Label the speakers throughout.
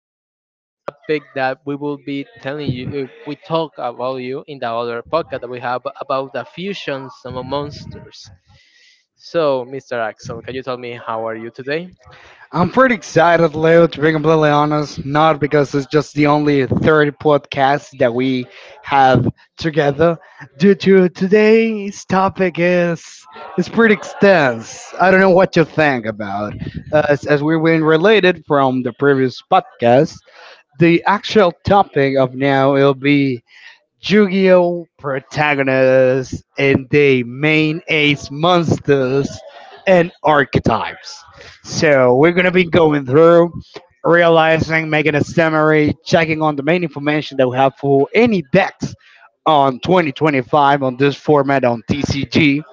Speaker 1: will talk about a topic that we will be telling you. We talk about you in the other podcast that we have about the fusions of monsters. So, Mr. Axel, can you tell me how are you today?
Speaker 2: I'm pretty excited, Leo, to be completely honest. Not because it's just the only third podcast that we have together. Due to Today's topic is pretty extensive. I don't know what you think about. As we were related from the previous podcast, the actual topic of now will be Yu-Gi-Oh protagonists and the main ace monsters and archetypes. So we're gonna be going through, realizing, making a summary, checking on the main information that we have for any decks on 2025 on this format on TCG,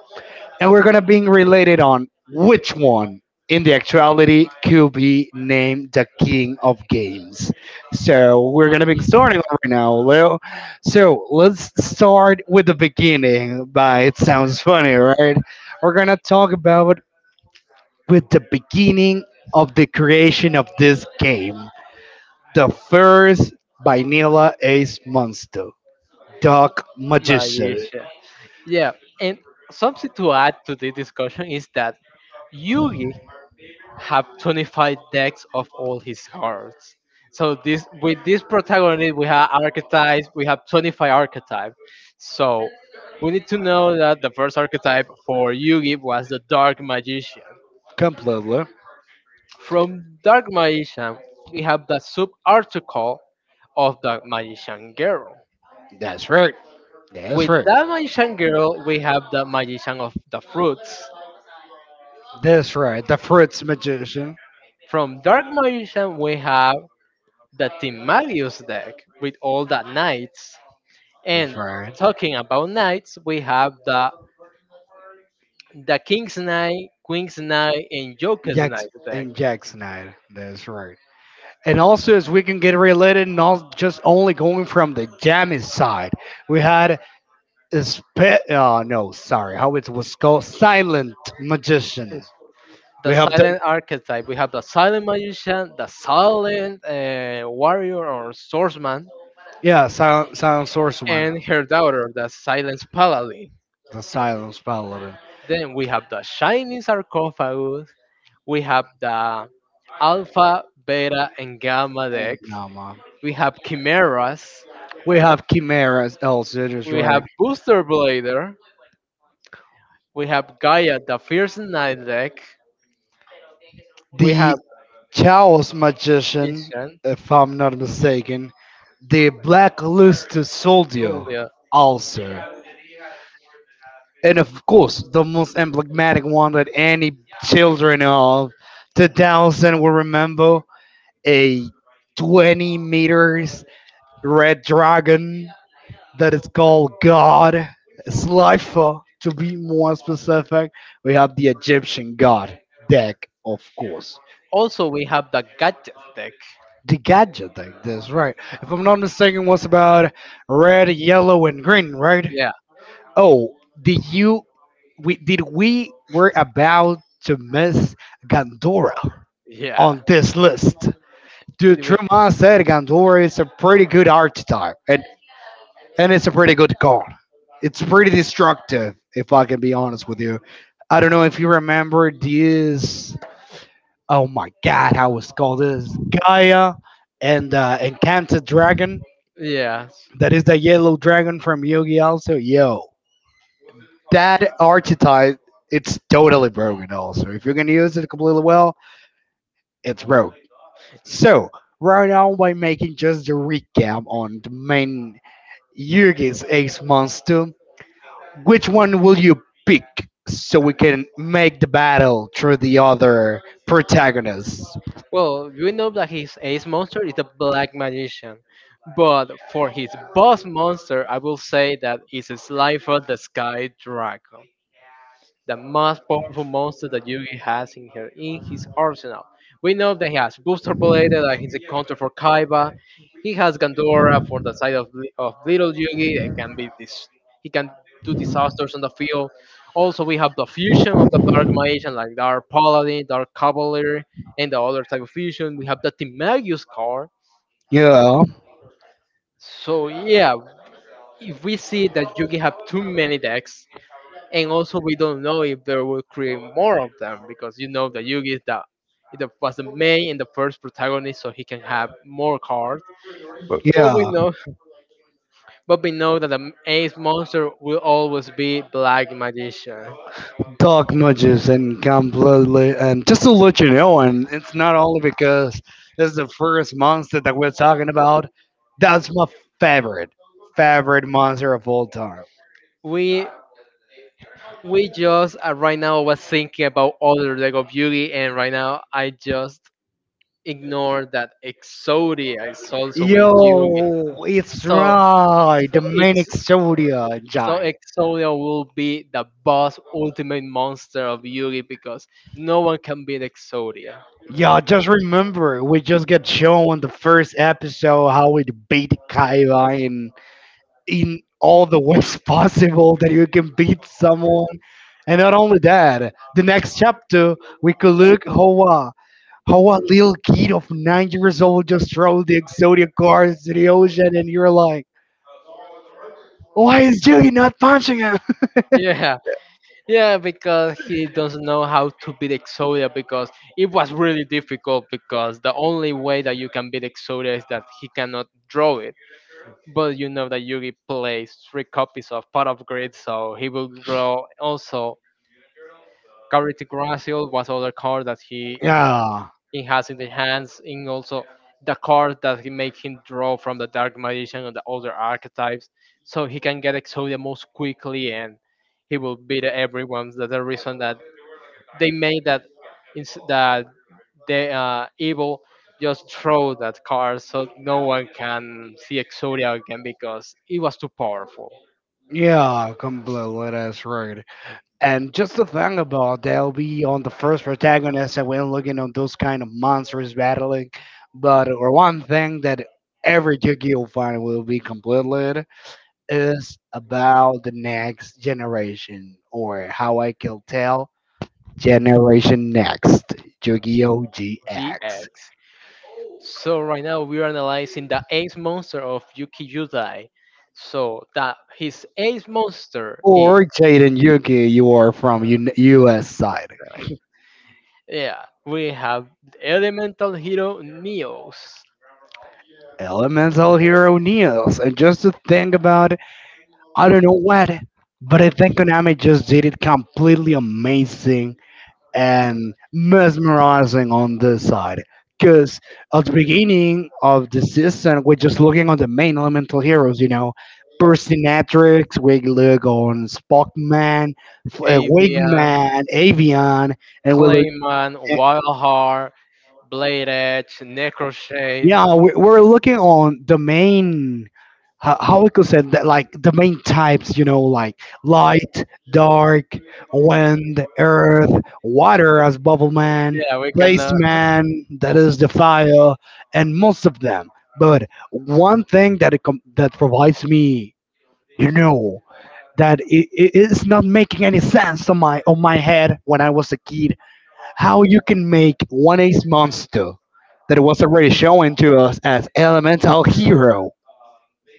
Speaker 2: and we're gonna be related on which one in the actuality could be named the king of games. So we're gonna be starting right now, Leo. So let's start with the beginning. By it sounds funny, right? We're gonna talk about with the beginning of the creation of this game, the first vanilla ace monster, Dark Magician.
Speaker 1: Malaysia. Yeah, and something to add to the discussion is that Yugi have 25 decks of all his cards. So this with this protagonist, we have archetypes. We have 25 archetypes. So we need to know that the first archetype for Yugi was the Dark Magician.
Speaker 2: Completely.
Speaker 1: From Dark Magician, we have the sub article of the Magician Girl.
Speaker 2: That's right. That's
Speaker 1: With
Speaker 2: right.
Speaker 1: that Magician Girl, we have the Magician of the Fruits.
Speaker 2: That's right, the fruits magician.
Speaker 1: From Dark Magician, we have the Team Magius deck with all the knights.
Speaker 2: That's
Speaker 1: And
Speaker 2: right.
Speaker 1: talking about knights, we have the King's Knight, Queen's Knight, and Joker's
Speaker 2: Jack's
Speaker 1: Knight deck.
Speaker 2: and Jack Snyder. That's right. And also, as we can get related, not just only going from the jammy side, we had oh no, sorry, how it was called, silent magician.
Speaker 1: The
Speaker 2: We have the
Speaker 1: silent archetype. We have the silent magician, the silent warrior or swordsman,
Speaker 2: yeah, silent, silent source one.
Speaker 1: and her daughter, the silent paladin.
Speaker 2: The silence paladin.
Speaker 1: Then we have the shining sarcophagus. We have the alpha, beta, and gamma
Speaker 2: And
Speaker 1: deck.
Speaker 2: Nama.
Speaker 1: We have chimeras.
Speaker 2: We have Chimera as Elzid is
Speaker 1: We
Speaker 2: right.
Speaker 1: have booster blader. We have Gaia, the fierce knight deck. We
Speaker 2: The
Speaker 1: have
Speaker 2: Chaos Magician,
Speaker 1: Ishan,
Speaker 2: if I'm not mistaken. The Blacklisted Soldier,
Speaker 1: Julia.
Speaker 2: also. And of course, the most emblematic one that any children of 2000 will remember, a 20 meters red dragon that is called God. Slifer, to be more specific, we have the Egyptian God deck, of course.
Speaker 1: Also, we have the gadget deck.
Speaker 2: The gadget like this, right. If I'm not mistaken, what's about red, yellow, and green, right? Yeah.
Speaker 1: Yeah,
Speaker 2: Oh, did you? We were about to miss Gandora
Speaker 1: yeah.
Speaker 2: on this list? Dude,
Speaker 1: It we-
Speaker 2: Truman said Gandora is a pretty good archetype, and it's a pretty good call. It's pretty destructive, if I can be honest with you. I don't know if you remember this. Oh my god, how was called this Gaia and Encanted Dragon.
Speaker 1: Yes.
Speaker 2: That is the yellow dragon from Yugi. Also, yo, that archetype it's totally broken. Also, if you're gonna use it completely well, it's broke. So right now, by making just the recap on the main Yugi's Ace monster, which one will you pick so we can make the battle through the other protagonists?
Speaker 1: Well, you know that his ace monster is the black magician. But for his boss monster, I will say that it's a Slifer the Sky Dragon, the most powerful monster that Yugi has in her in his arsenal. We know that he has Booster Blade, that he's a counter for Kaiba. He has Gandora for the side of, Little Yugi. It can be this. He can do disasters on the field. Also, we have the fusion of the Dark Magician, like Dark Paladin, Dark Cavalier, and the other type of fusion. We have the Timagius card.
Speaker 2: Yeah.
Speaker 1: So yeah, if we see that Yugi have too many decks, and also we don't know if they will create more of them because you know that Yugi is the it was the main and the first protagonist, so he can have more cards. But we
Speaker 2: Yeah,
Speaker 1: know, but we know that the ace monster will always be Black Magician.
Speaker 2: dark nudges and completely, and just to let you know, and it's not only because this is the first monster that we're talking about. That's my favorite, favorite monster of all time.
Speaker 1: We we just right now was thinking about other leg of Yugi, and right now I just ignored that Exodia is also with Yugi.
Speaker 2: Yo, it's
Speaker 1: So,
Speaker 2: right,
Speaker 1: so
Speaker 2: the manic Exodia
Speaker 1: So
Speaker 2: giant.
Speaker 1: Exodia will be the boss ultimate monster of Yugi because no one can beat Exodia.
Speaker 2: Yeah, just remember, we just got shown on the first episode how we beat Kaiba in all the ways possible that you can beat someone. And not only that, the next chapter we could look how a little kid of 9 years old just throws the Exodia cards to the ocean, and you're like, why is Julie not punching him?
Speaker 1: Yeah, yeah, because he doesn't know how to beat Exodia because it was really difficult because the only way that you can beat Exodia is that he cannot draw it. But you know that Yugi plays three copies of Pot of Greed, so he will draw also Carrot Gracial was other card that he
Speaker 2: Yeah,
Speaker 1: he has in the hands in also the card that he make him draw from the dark magician and the other archetypes so he can get exodia most quickly and he will beat everyone. That's the reason that they made that ins- that the evil just throw that card so no one can see exodia again because it was too powerful.
Speaker 2: yeah, completely. That's right. And just the thing about they'll be on the first protagonist and we're looking on those kind of monsters battling. But or one thing that every Yu-Gi-Oh fan will be completely is about the next generation or how I can tell generation next Yu-Gi-Oh GX
Speaker 1: GX. So right now we're analyzing the ace monster of Yuki Yudai. So that his ace monster is,
Speaker 2: or Jaden Yuki. You are from U.S. side.
Speaker 1: yeah, we have the elemental hero Neos,
Speaker 2: Elemental Hero Neos, and just to think about, I don't know what, but I think Konami just did it completely amazing and mesmerizing on this side. Because at the beginning of the season, we're just looking on the main elemental heroes, you know, Percynatrix, we look on Spockman,
Speaker 1: Avian,
Speaker 2: Wingman, Avion, and we look.
Speaker 1: Clayman, Wild Heart, Blade Edge, Necroshade.
Speaker 2: Yeah, we're looking on the main, how we could say that, like the main types, you know, like light, dark, wind, earth, water as bubble man,
Speaker 1: Yeah, we can
Speaker 2: blaze man, that is the fire, and most of them. But one thing that that provides me, you know, that it is not making any sense on my head when I was a kid, how you can make one ace monster that was already shown to us as elemental hero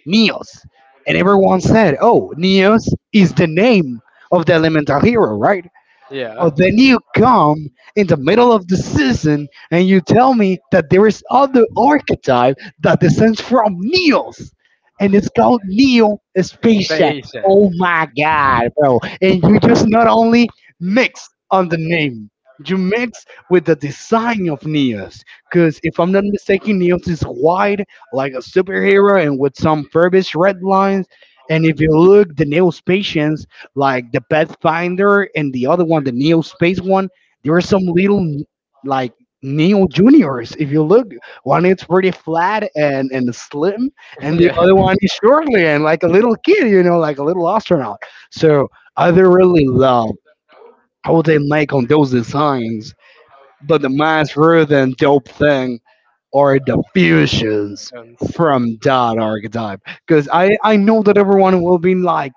Speaker 2: Neos, and everyone said, "Oh, Neos is the name of the elemental hero, right?"
Speaker 1: yeah.
Speaker 2: But then you come in the middle of the season and you tell me that there is other archetype that descends from Neos, and it's called Neo Spaceship.
Speaker 1: Station.
Speaker 2: Oh my god, bro! And you just not only mix on the name, you mix with the design of Neos. Because if I'm not mistaken, Neos is wide like a superhero and with some furbish red lines. And if you look, the Neos like the Pathfinder and the other one, the Neo Space one, there are some little like Neo Juniors. If you look, one is pretty flat and slim, and the
Speaker 1: yeah.
Speaker 2: other one is shortly and like a little kid, you know, like a little astronaut. So I really love how they make on those designs. But the most rude and dope thing are the fusions
Speaker 1: And
Speaker 2: from that archetype, because I know that everyone will be like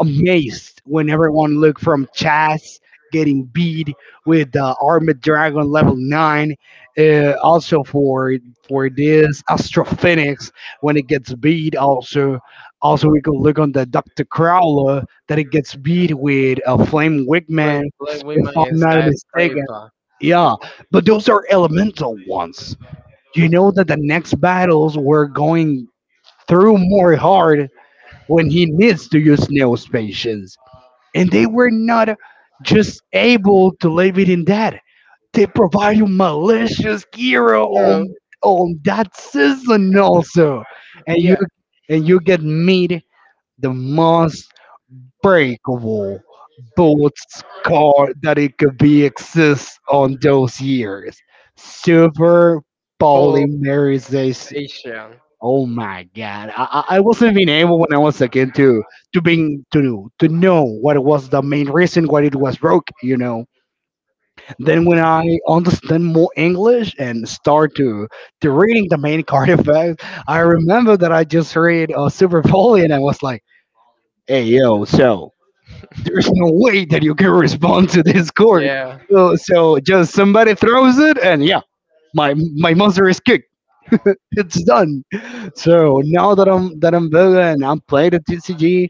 Speaker 2: amazed when everyone looked from Chaz getting beat with the Armored Dragon level 9, also for this Astro Phoenix when it gets beat. Also, also we could look on the Doctor Crowler that it gets beat with a Flame
Speaker 1: Play
Speaker 2: Wigman,
Speaker 1: play
Speaker 2: if
Speaker 1: women
Speaker 2: I'm
Speaker 1: in
Speaker 2: not mistaken.
Speaker 1: skyscraper.
Speaker 2: Yeah, but those are elemental ones. You know that the next battles were going through more hard when he needs to use neo, and they were not just able to leave it in that. They provide you malicious hero
Speaker 1: Hero.
Speaker 2: on that season also. And you
Speaker 1: Yeah.
Speaker 2: and you get meet the most breakable bullets card that it could be exist on those years. Super polymerization.
Speaker 1: Pulsation.
Speaker 2: Oh my God! I wasn't being able when I was a kid to being to know what was the main reason why it was broke. You know. Then when I understand more English and start to reading the main card effect, I remember that I just read Super Bowl and I was like, "Hey yo, so there's no way that you can respond to this chord.
Speaker 1: Yeah.
Speaker 2: So just somebody throws it and yeah, my monster is kicked. It's done." So now that I'm bigger and I'm playing at TCG,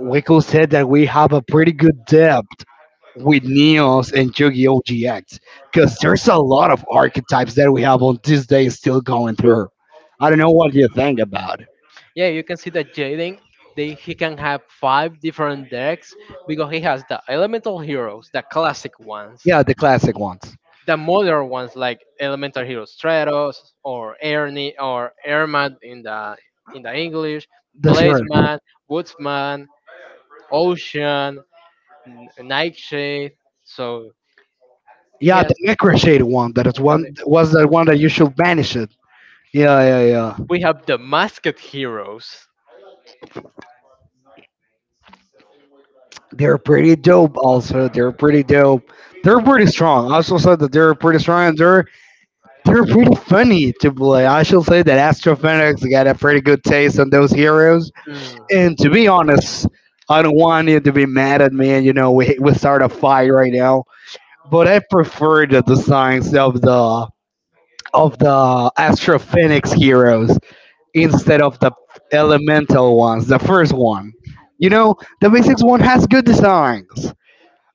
Speaker 2: we could say that we have a pretty good depth with Neos and Yu-Gi-Oh! GX, because there's a lot of archetypes that we have on this day still going through. I don't know what you think about.
Speaker 1: Yeah, you can see that Jaden, they he can have five different decks because he has the elemental heroes, the classic ones,
Speaker 2: Yeah, the classic ones.
Speaker 1: the modern ones like elemental heroes Stratos or Ernie or Ermat in the English,
Speaker 2: That's right.
Speaker 1: Blazeman, Woodsman, Ocean, Nightshade. So
Speaker 2: Yeah, the
Speaker 1: yes,
Speaker 2: Necroshade one. That is
Speaker 1: and
Speaker 2: one was the one that you should banish it. Yeah, yeah, yeah.
Speaker 1: we have the masked heroes.
Speaker 2: They're pretty dope. Also, they're pretty dope. They're pretty strong. I also said that they're pretty strong. And they're pretty funny to play. I should say that Astrophoenix got a pretty good taste on those heroes.
Speaker 1: Mm,
Speaker 2: And to be honest, I don't want you to be mad at me. And you know, we start a fight right now. But I prefer the designs of the Astrophoenix heroes instead of the elemental ones. The first one, you know, the basics one has good designs.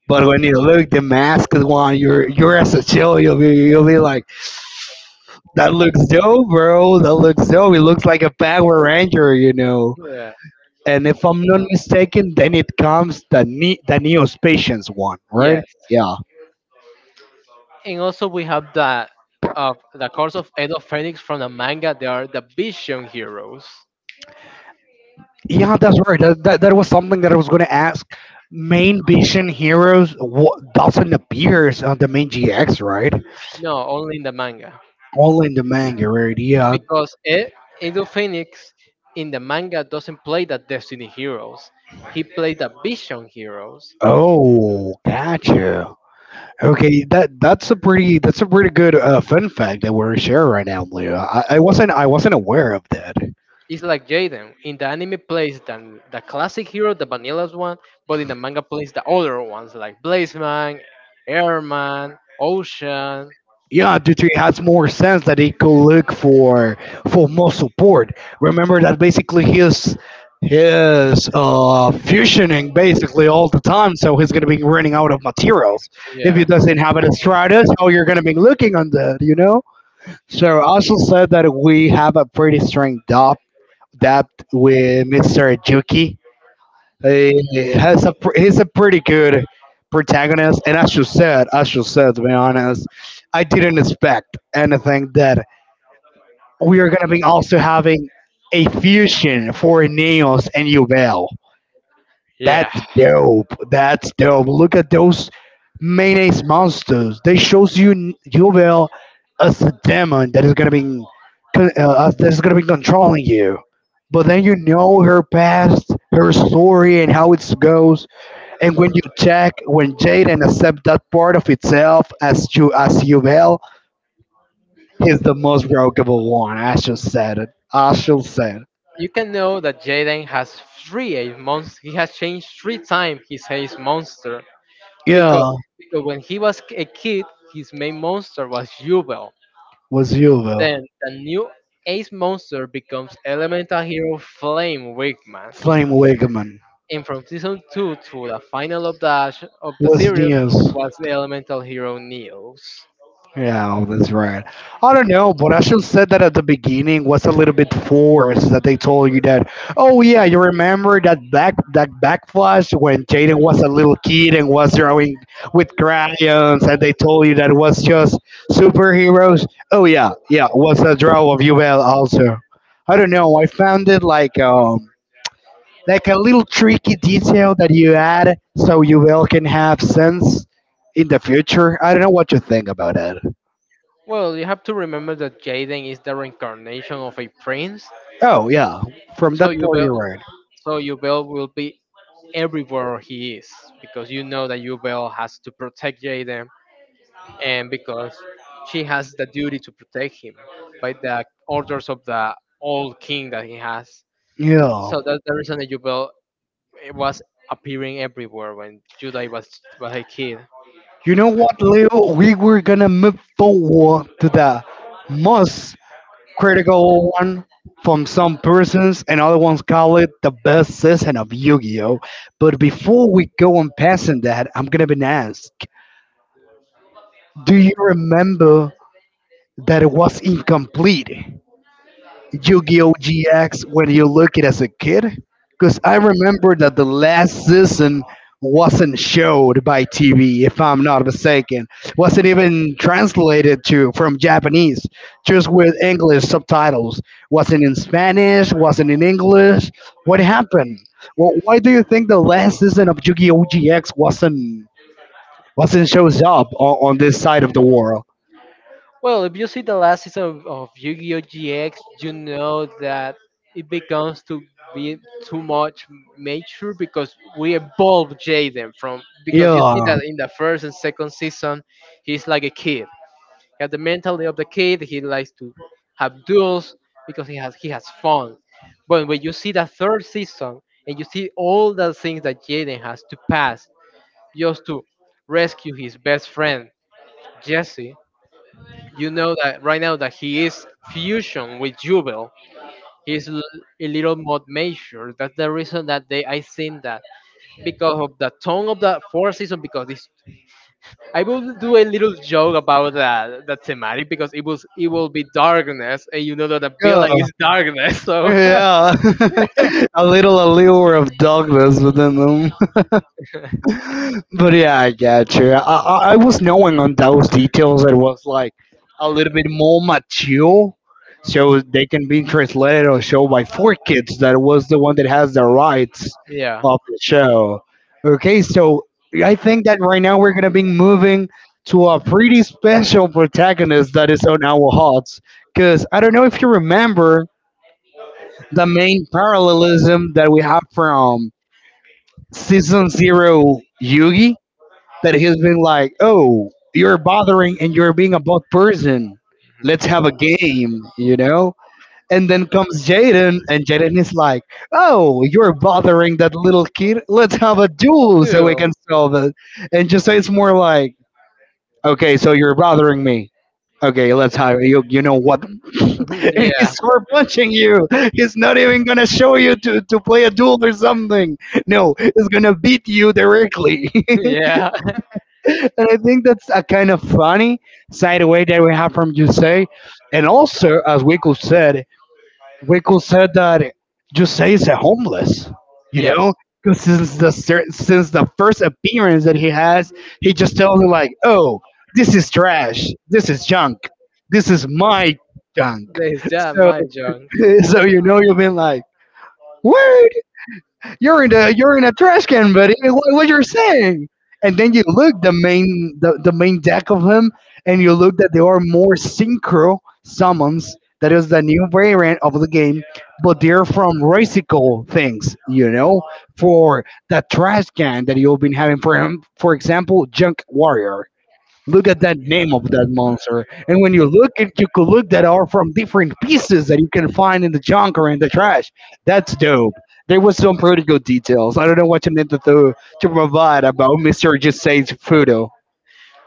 Speaker 2: But when you look the masked one, you're as a chill, you'll be like. That looks dope, bro. That looks dope. It looks like a Power Ranger, you know.
Speaker 1: yeah.
Speaker 2: And if I'm not mistaken, then it comes the Neo Neospatians one, right?
Speaker 1: Yes.
Speaker 2: Yeah,
Speaker 1: And also we have the course of Edo Phoenix from the manga. They are the Vision Heroes.
Speaker 2: yeah, that's right. That was something that I was gonna ask. Main vision heroes what doesn't appears on the main GX, right?
Speaker 1: No, only in the manga
Speaker 2: Only in the manga, right? Yeah.
Speaker 1: because Edo Phoenix in the manga doesn't play the Destiny Heroes. He plays the Vision Heroes.
Speaker 2: Oh, gotcha. Okay, that's a pretty good fun fact that we're sharing right now, Leo. I wasn't aware of that.
Speaker 1: It's like Jaden in the anime plays the classic hero, the vanilla one, but in the manga plays the older ones like Blazeman, Airman, Ocean.
Speaker 2: Yeah, due to it has more sense that he could look for more support. Remember that basically he's fusioning basically all the time, so he's gonna be running out of materials. If he
Speaker 1: Yeah,
Speaker 2: doesn't have an stratus, how you're gonna be looking on that, you know? So I also said that we have a pretty strong depth with Mr. Juki. He he's a pretty good protagonist, and as you said, to be honest, I didn't expect anything that we are gonna be also having a fusion for Neos and Yubel.
Speaker 1: yeah.
Speaker 2: That's dope. That's dope. Look at those mayonnaise monsters. They shows you Yubel as a demon that is gonna be that is gonna be controlling you. But then you know her past, her story, and how it goes, and when you check, when Jaden accepts that part of itself as you will, he's the most brokeable one. Ashel said it. Ashel said,
Speaker 1: You can know that Jaden has three a monster. He has changed three times his monster because
Speaker 2: "Yeah,
Speaker 1: because when he was a kid, his main monster was Jubel.
Speaker 2: was you will."
Speaker 1: Then the new Ace monster becomes Elemental Hero Flame Wigman.
Speaker 2: Flame Wigman.
Speaker 1: And from season two to the final of the
Speaker 2: What's
Speaker 1: series
Speaker 2: news?
Speaker 1: was the Elemental Hero Neos.
Speaker 2: Yeah, that's right. I don't know, but I should said that at the beginning was a little bit forced that they told you that. Oh yeah, you remember that back that backflash when Jaden was a little kid and was drawing with crayons, and they told you that was just superheroes. Oh yeah, yeah, was a draw of Yuval also. I don't know. I found it like a little tricky detail that you add so Yuval can have sense in the future. I don't know what you think about it.
Speaker 1: Well, you have to remember that Jaden is the reincarnation of a prince,
Speaker 2: Oh yeah, from
Speaker 1: so
Speaker 2: that point
Speaker 1: Jubel
Speaker 2: you're right.
Speaker 1: so Jubel will be everywhere he is because you know that Yubel has to protect Jaden and because she has the duty to protect him by the orders of the old king that he has.
Speaker 2: Yeah,
Speaker 1: So that's the reason that Yubel was appearing everywhere when was a kid.
Speaker 2: you know what, Leo? We were gonna move forward to the most critical one from some persons, and other ones call it the best season of Yu-Gi-Oh. But before we go on passing that, I'm gonna be asked, do you remember that it was incomplete? Yu-Gi-Oh! GX when you look it as a kid? Because I remember that the last season wasn't showed by TV, if I'm not mistaken. Wasn't even translated to from Japanese, just with English subtitles. Wasn't in Spanish, wasn't in English. What happened? Well, why do you think the last season of Yu-Gi-Oh! GX wasn't shows up on this side of the world?
Speaker 1: Well, if you see the last season of Yu-Gi-Oh! GX, you know that it becomes to be too much mature because we evolve Jaden from, because you see
Speaker 2: Yeah,
Speaker 1: that in the first and second season he's like a kid. He has the mentality of the kid, he likes to have duels because he has fun. But when you see the third season and you see all the things that Jaden has to pass just to rescue his best friend, Jesse, you know that right now that he is fusion with Jubel. He's l- a little more mature. That's the reason that they, I think that, because of the tone of the fourth season. Because this, I will do a little joke about that the thematic because it will be darkness, and you know that the
Speaker 2: yeah.
Speaker 1: villain is darkness. So
Speaker 2: Yeah, a little allure of darkness within them. but yeah, I get you. I was knowing on those details that was like a little bit more mature, so they can be translated or show by four kids. That was the one that has the rights
Speaker 1: yeah,
Speaker 2: of the show. Okay, so I think that right now we're gonna be moving to a pretty special protagonist that is on our hearts. Because I don't know if you remember the main parallelism that we have from season zero Yugi that he's been like, oh, you're bothering and you're being a bad person. Let's have a
Speaker 1: Mhm.
Speaker 2: game, you know? And then comes Jaden, and Jaden is like, oh, you're bothering that little kid. Let's have a duel so we
Speaker 1: Ew.
Speaker 2: can solve it. And just so it's more like, okay, so you're bothering me. Okay, let's hire you. You know what? and he's
Speaker 1: yeah.
Speaker 2: super punching you. He's not even gonna show you to play a duel or something. No, he's gonna beat you directly.
Speaker 1: yeah.
Speaker 2: and I think that's a kind of funny side way that we have from Jose. And also, as Wiku said, we could say that Jose is a homeless, you know,
Speaker 1: Yes,
Speaker 2: because since the first appearance that he has, he just tells him like, "Oh, this is trash. This is junk. This is my junk."
Speaker 1: there's that
Speaker 2: So,
Speaker 1: mahjong.
Speaker 2: so you know, you've been like, "Woo!" You're in a trash can, buddy. What you're saying? And then you look the main deck of him, and you look that there are more synchro summons. That is the new variant of the game, but they're from racial things, you know, for the trash can that you've been having for him. For example, Junk Warrior. Look at that name of that monster. And when you look at you could look that are from different pieces that you can find in the junk or in the trash. That's dope. There was some pretty good details. I don't know what you meant to provide about Mr. Just Say's photo.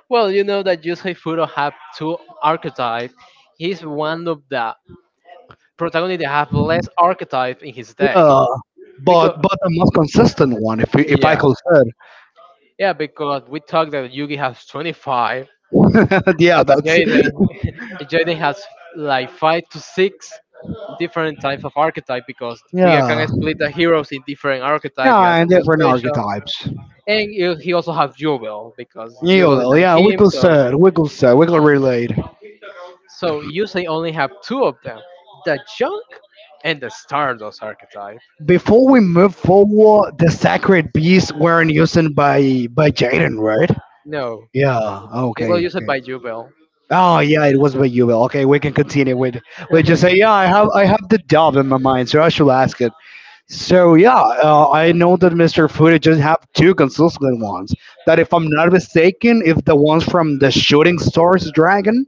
Speaker 1: Well, you know that Yusei Fudo have two archetype. He's one of the protagonists that have less archetype in his deck.
Speaker 2: Yeah.
Speaker 1: Because
Speaker 2: But the most consistent one if I could
Speaker 1: yes,
Speaker 2: say.
Speaker 1: yeah, because we talked that Yugi has 25,
Speaker 2: yeah, that's
Speaker 1: Jaden Jaden has like five to six different types of archetype because we are
Speaker 2: yeah.
Speaker 1: gonna split the heroes in different archetype.
Speaker 2: Yeah,
Speaker 1: We got
Speaker 2: and
Speaker 1: the
Speaker 2: different
Speaker 1: special,
Speaker 2: archetypes.
Speaker 1: and you- he also have Jubel because
Speaker 2: Yeah,
Speaker 1: Jubel is
Speaker 2: well,
Speaker 1: on
Speaker 2: yeah,
Speaker 1: him, so
Speaker 2: we could relate.
Speaker 1: so usually only have two of them, the junk and the Stardust archetype.
Speaker 2: Before we move forward, the sacred beasts weren't used by Jaden, right?
Speaker 1: No,
Speaker 2: Yeah.
Speaker 1: they will
Speaker 2: Okay.
Speaker 1: use it
Speaker 2: Okay.
Speaker 1: by Jubel.
Speaker 2: Oh yeah, it was by Yubel. Okay, we can continue with We just say yeah. I have the dove in my mind, so I should ask it. So yeah, I know that Mr. Fuji just have two consistent ones. That if I'm not
Speaker 1: The
Speaker 2: mistaken, if the ones from the Shooting Stars Dragon,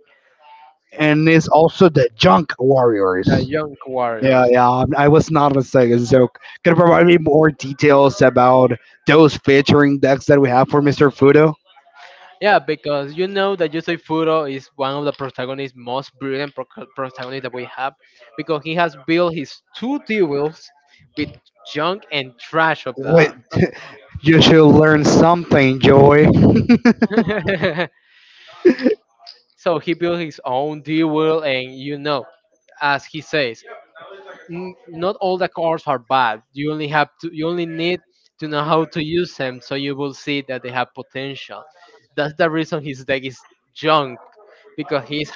Speaker 2: and it's also the Junk Warriors.
Speaker 1: young
Speaker 2: Yeah,
Speaker 1: warriors.
Speaker 2: yeah. I was not mistaken. So, can you provide me more details about those featuring decks that we have for Mr. Fudo?
Speaker 1: Yeah, because you know that Yusei Furo is one of the protagonists, most brilliant protagonist that we have, because he has built his two duels with junk and trash of
Speaker 2: Wait,
Speaker 1: that.
Speaker 2: you should learn something, Joy.
Speaker 1: So he built his own D wheel, and you know, as he says, not all the cars are bad. You only need to know how to use them, so you will see that they have potential. That's the reason his deck is junk, because he's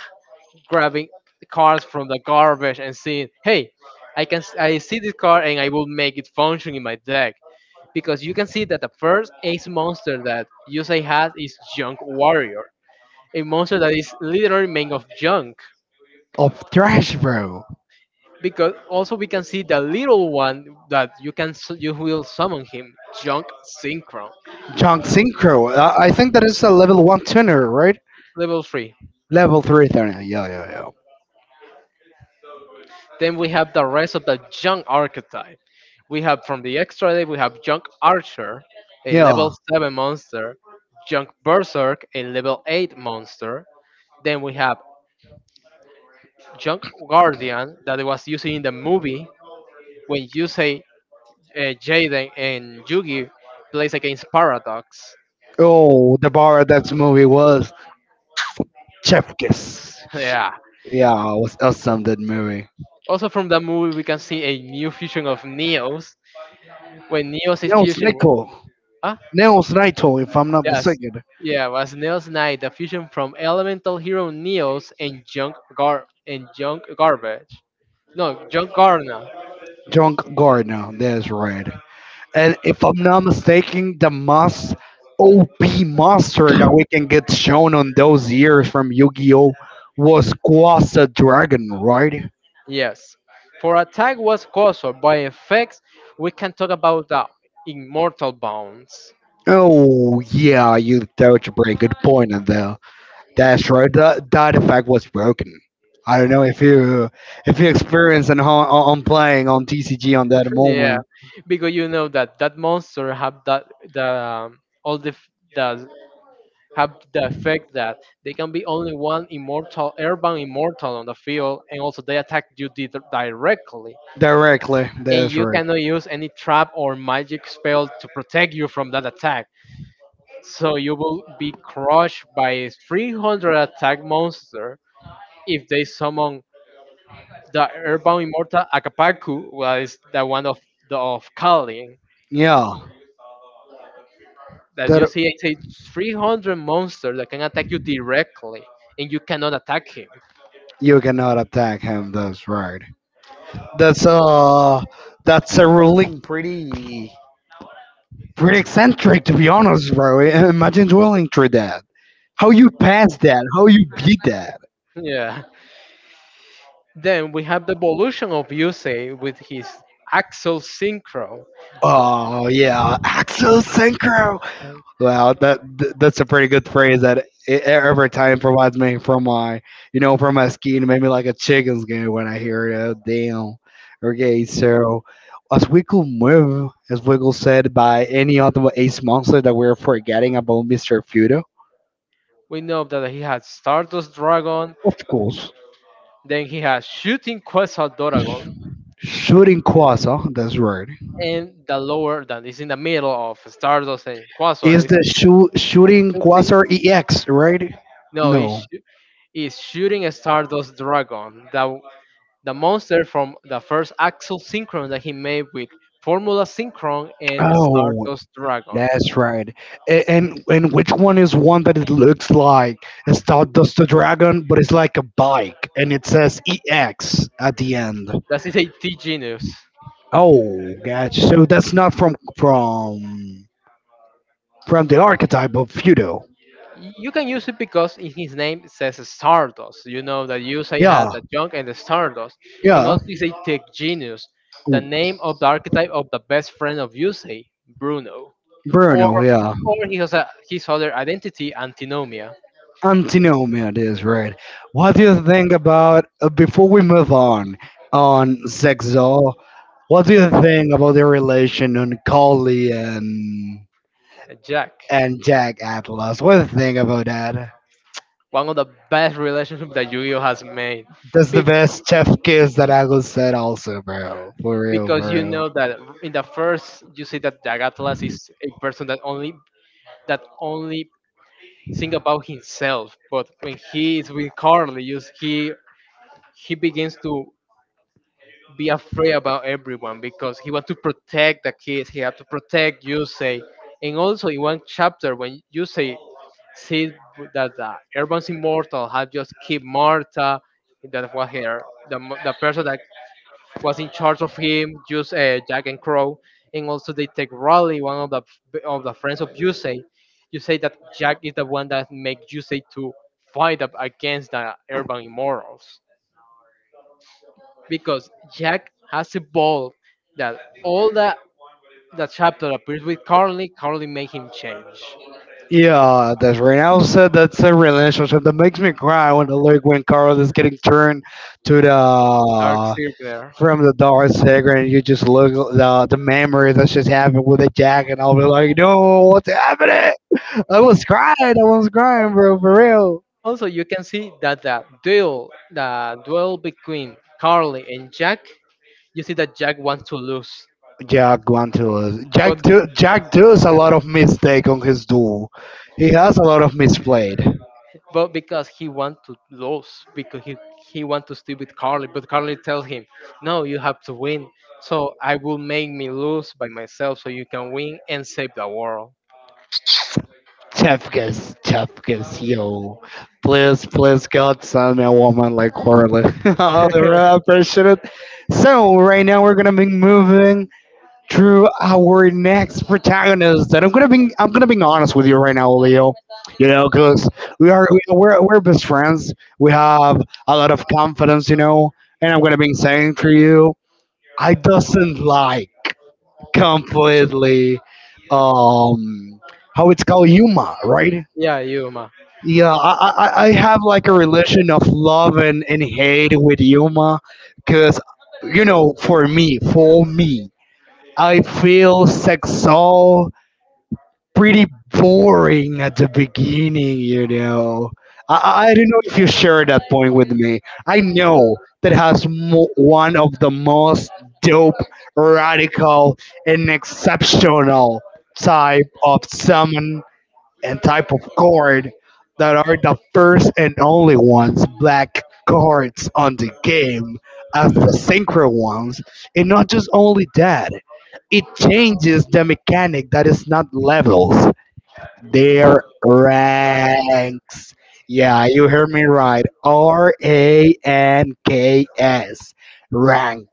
Speaker 1: grabbing the cars from the garbage and seeing, hey, I can, I see this car and I will make it function in my deck. Because you can see that the first ace monster that Yusei has is Junk Warrior, a monster that is literally made of junk.
Speaker 2: Of Thrash, bro.
Speaker 1: Because also we can see the little one that you can you will summon him, junk synchro,
Speaker 2: Junk Synchro. I think that is a level one tuner, right?
Speaker 1: level three.
Speaker 2: Level three tuner. Yeah, yeah, yeah.
Speaker 1: Then we have the rest of the junk archetype. We have from the extra day we have junk archer, a
Speaker 2: Yeah.
Speaker 1: level seven monster, junk berserk, a level eight monster. Then we have junk guardian that was used in the movie when you say Jaden and Yugi plays against Paradox.
Speaker 2: Oh, the bar of that movie was Chef Kiss.
Speaker 1: Yeah.
Speaker 2: Yeah, it was awesome that movie.
Speaker 1: Also from that movie, we can see a new fusion of Neos when Neos is
Speaker 2: Nels
Speaker 1: fusion with-
Speaker 2: Nickel.
Speaker 1: Ah,
Speaker 2: Nels Naito, if I'm not
Speaker 1: yes,
Speaker 2: mistaken.
Speaker 1: yeah, was Neos Knight the fusion from Elemental Hero Neos and Junk Gar and Junk Garbage? No, Junk Garna.
Speaker 2: Junk Gardner. That's right. And if I'm not mistaken, the most OP monster that we can get shown on those years from Yu-Gi-Oh was Quasa Dragon, right?
Speaker 1: Yes. For attack was caused by effects, we can talk about the immortal bounds.
Speaker 2: Oh yeah, you touch a pretty good point on there. That's right. That effect was broken. I don't know if you experienced on on playing on TCG on that
Speaker 1: Yeah,
Speaker 2: moment
Speaker 1: because you know that that monster have that the all the have the effect that they can be only one immortal urban immortal on the field and also they attack you directly
Speaker 2: directly.
Speaker 1: and
Speaker 2: That's
Speaker 1: you
Speaker 2: right.
Speaker 1: cannot use any trap or magic spell to protect you from that attack so you will be crushed by a 300 attack monster if they summon the urban immortal akapaku well is the one of the of Kali
Speaker 2: Yeah,
Speaker 1: that you
Speaker 2: that
Speaker 1: see it's a 300 monster that can attack you directly and you cannot attack him.
Speaker 2: you cannot attack him. That's right. That's uh that's a ruling pretty pretty eccentric to be honest, bro. Imagine dwelling through that. How you pass that? How you beat that?
Speaker 1: Yeah. Then we have the evolution of Yusei with his Axel Synchro.
Speaker 2: Oh yeah, Axo Synchro. Wow, that that's a pretty good phrase that it, every time provides me from my, you know, from my skin, maybe like a chicken skin when I hear it. Oh, damn. Okay, so as we could move, as we could said by any other ace monster that we're forgetting about, Mister Fudo.
Speaker 1: We know that he has Stardust Dragon,
Speaker 2: Of course,
Speaker 1: then he has Shooting Quasar Dragon,
Speaker 2: shooting quasar. Huh? That's right.
Speaker 1: and the lower that is in the middle of Stardust and Quasar
Speaker 2: Is
Speaker 1: is
Speaker 2: the shooting
Speaker 1: shooting.
Speaker 2: quasar EX right?
Speaker 1: No, is
Speaker 2: No.
Speaker 1: is shooting a Stardust Dragon, the monster from the first Axel Synchron that he made with Formula Synchron and
Speaker 2: Oh.
Speaker 1: Stardust Dragon.
Speaker 2: That's right. A- and which one is one that it looks like a Stardust the Dragon, but it's like a bike, and it says EX at the end.
Speaker 1: That is a T genius.
Speaker 2: Oh, gotcha. So that's not from from the archetype of Fudo.
Speaker 1: You can use it because in his name it says Stardust. You know that Yusei had
Speaker 2: Yeah,
Speaker 1: the junk and the Stardust. And
Speaker 2: yeah.
Speaker 1: also you say Tech Genius, the
Speaker 2: Ooh,
Speaker 1: name of the archetype of the best friend of Yusei, Bruno. Or
Speaker 2: Bruno, yeah.
Speaker 1: or he has a, his other identity, Antinomia,
Speaker 2: Antinomia, it is right. What do you think about before we move on Zexo? What do you think about the relation on Kali and?
Speaker 1: Jack.
Speaker 2: And Jack Atlas. One thing about that.
Speaker 1: One of the best relationships that Yu-Gi-Oh has made.
Speaker 2: That's the
Speaker 1: Be-
Speaker 2: best chef kiss that I could said also, bro. For real,
Speaker 1: because
Speaker 2: for
Speaker 1: you
Speaker 2: real.
Speaker 1: know that in the first you see that Jack Atlas is a person that only think about himself, but when he is with Carly, he begins to be afraid about everyone because he wants to protect the kids. He have to protect Yusei, and also in one chapter when Yusei sees that the urban's immortal had just killed Marta, that was her the person that was in charge of him, just Jack and Crow, and also they take Raleigh, one of the friends of Yusei. You say that Jack is the one that make Yusei to fight up against the urban immorals because Jack has evolved that all the chapter appears with Carly, Carly make him change.
Speaker 2: Yeah, that's right. I also that's a relationship that makes me cry when the look when Carlos is getting turned to
Speaker 1: Dark
Speaker 2: the
Speaker 1: Circular.
Speaker 2: from the dark secret and you just look at the memory that just happened with the jack and I'll be like, no, what's happening? I was crying, bro, for real.
Speaker 1: Also, you can see that the duel between Carly and Jack, you see that Jack wants to lose,
Speaker 2: Jack Guantus.
Speaker 1: but
Speaker 2: Jack does a lot of mistake on his duel. He has a lot of misplayed.
Speaker 1: because he want to lose because he want to stay with Carly, but Carly tells him, no, you have to win, so I will make me lose by myself so you can win and save the world.
Speaker 2: Chefkes, Chefkes, yo. Please, please, God, send me a woman like Harley. I really appreciate it. So, right now we're gonna be moving through our next protagonist. And I'm gonna be honest with you right now, Leo. You know, cause we're best friends. We have a lot of confidence, you know. And I'm gonna be saying to you. I doesn't like completely um how it's called Yuma, right?
Speaker 1: Yeah, Yuma.
Speaker 2: Yeah, I have like a relation of love and hate with Yuma because, you know, for me, I feel sexual pretty boring at the beginning, you know. I don't know if you share that point with me. I know that has one of the most dope, radical, and exceptional type of summon and type of card that are the first and only ones black cards on the game as the synchro ones and not just only that it changes the mechanic that is not levels their ranks. Yeah, you hear me right. RANKS. Rank.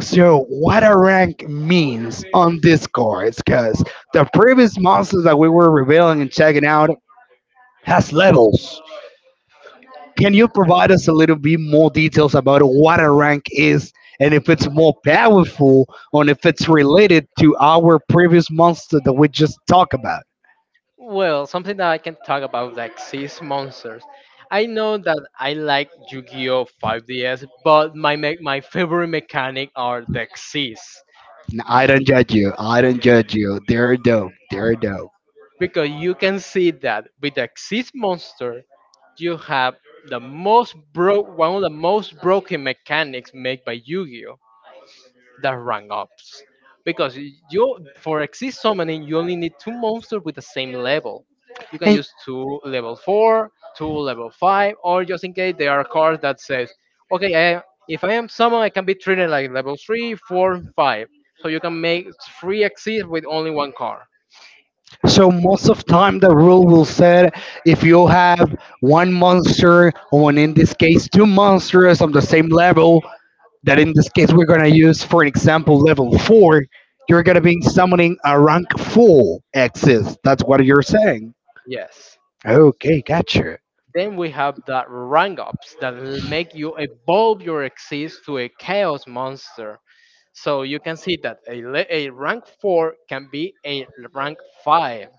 Speaker 2: So, what a rank means on Discord, because the previous monsters that we were revealing and checking out has levels. Can you provide us a little bit more details about what a rank is and if it's more powerful or if it's related to our previous monster that we just talked about?
Speaker 1: Well, something that I can talk about like seas monsters, I know that I like Yu-Gi-Oh 5DS, but my favorite mechanic are the seas,
Speaker 2: N- I don't judge you. I don't judge you. They're dope. They're dope.
Speaker 1: because you can see that with the Xyz monster you have the most broke one of the most broken mechanics made by Yu-Gi-Oh, the rank ups, because you for Exist summoning you only need two monsters with the same level. You can
Speaker 2: And
Speaker 1: use two level 4, two level 5, or just in case there are cards that says, okay, I, if I am someone I can be treated like level 3, 4, 5, so you can make three Exist with only one card.
Speaker 2: so most of time the rule will say if you have one monster or in this case two monsters on the same level that in this case we're gonna use for an example level four, you're gonna be summoning a rank four X's. That's what you're saying.
Speaker 1: Yes.
Speaker 2: Okay, gotcha.
Speaker 1: Then we have the rank ups that will make you evolve your exist to a chaos monster. So you can see that a rank 4 can be a rank 5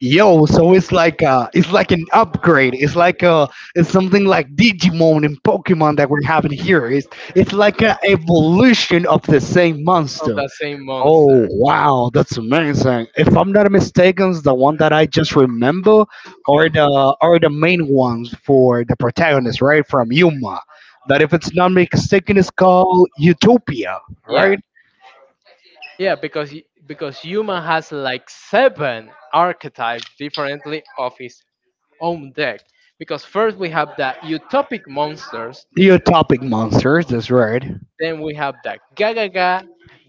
Speaker 2: Yo, so it's like an upgrade. It's like it's something like Digimon and Pokemon that we're having here. It's like an evolution of the same
Speaker 1: of
Speaker 2: monster.
Speaker 1: the same
Speaker 2: Oh
Speaker 1: monster.
Speaker 2: wow, that's amazing. If I'm not mistaken, the one that I just remember are the main ones for the protagonist, right? From Yuma. That if it's not mistaken is called Utopia,
Speaker 1: Yeah,
Speaker 2: right?
Speaker 1: yeah, because because human has like seven archetypes differently of his own deck. Because first we have the utopic monsters.
Speaker 2: The utopic monsters, that's right.
Speaker 1: Then we have the ga ga ga,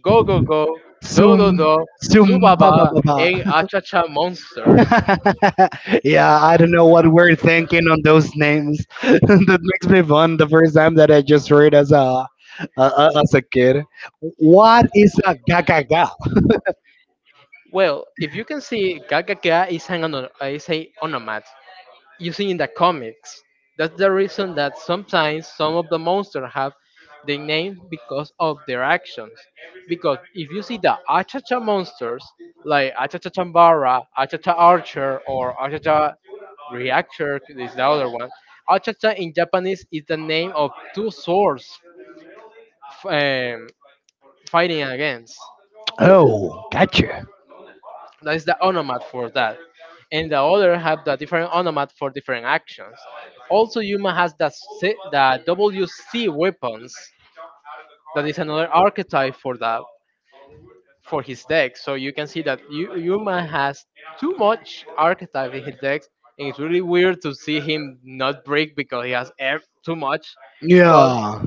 Speaker 1: go go go, do
Speaker 2: Sum
Speaker 1: do do,
Speaker 2: Sum ba ba
Speaker 1: subaba,
Speaker 2: ba ba.
Speaker 1: and Acha Cha monsters.
Speaker 2: yeah, I don't know what we're thinking on those names. that makes me fun. The first time that I just heard as as a kid, what is a gaga
Speaker 1: Well, if you can see, Gagaga is an is a onomat using in the comics. That's the reason that sometimes some of the monsters have the name because of their actions. Because if you see the Achacha monsters, like Achacha Chambara, Achacha Archer, or Achacha Reactor is the other one. Achacha in Japanese is the name of two swords f- um, fighting against.
Speaker 2: Oh, gotcha.
Speaker 1: That is the onomat for that. And the other have the different onomat for different actions. Also, Yuma has the, C, the WC weapons. That is another archetype for the for his deck. So you can see that Yuma has too much archetype in his decks, and it's really weird to see him not break because he has too much. But
Speaker 2: Yeah,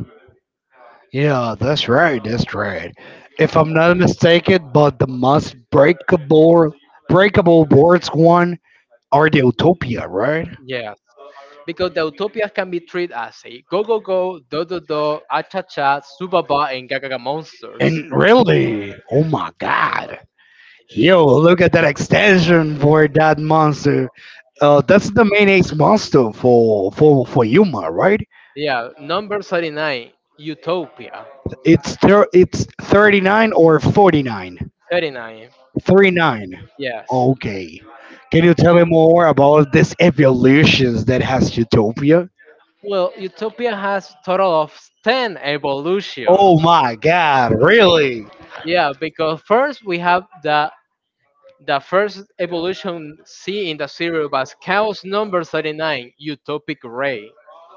Speaker 2: yeah, that's right, that's right. If I'm not mistaken, but the most breakable boards one are the Utopia, right?
Speaker 1: yeah, because the utopias can be treated as a go go go, do do do, acha cha, subaba, and gagaga monsters.
Speaker 2: And really, oh my god. Yo, look at that extension for that monster. That's the main ace monster for for Yuma, right?
Speaker 1: Yeah, number 39, Utopia.
Speaker 2: It's 39 or 49?
Speaker 1: 39,
Speaker 2: 39.
Speaker 1: yes.
Speaker 2: Okay. Can you tell me more about this evolutions that has Utopia?
Speaker 1: Well, Utopia has total of 10 evolutions.
Speaker 2: Oh my god, really?
Speaker 1: Yeah, because first we have the first evolution C in the serial was Chaos number 39, Utopic Ray.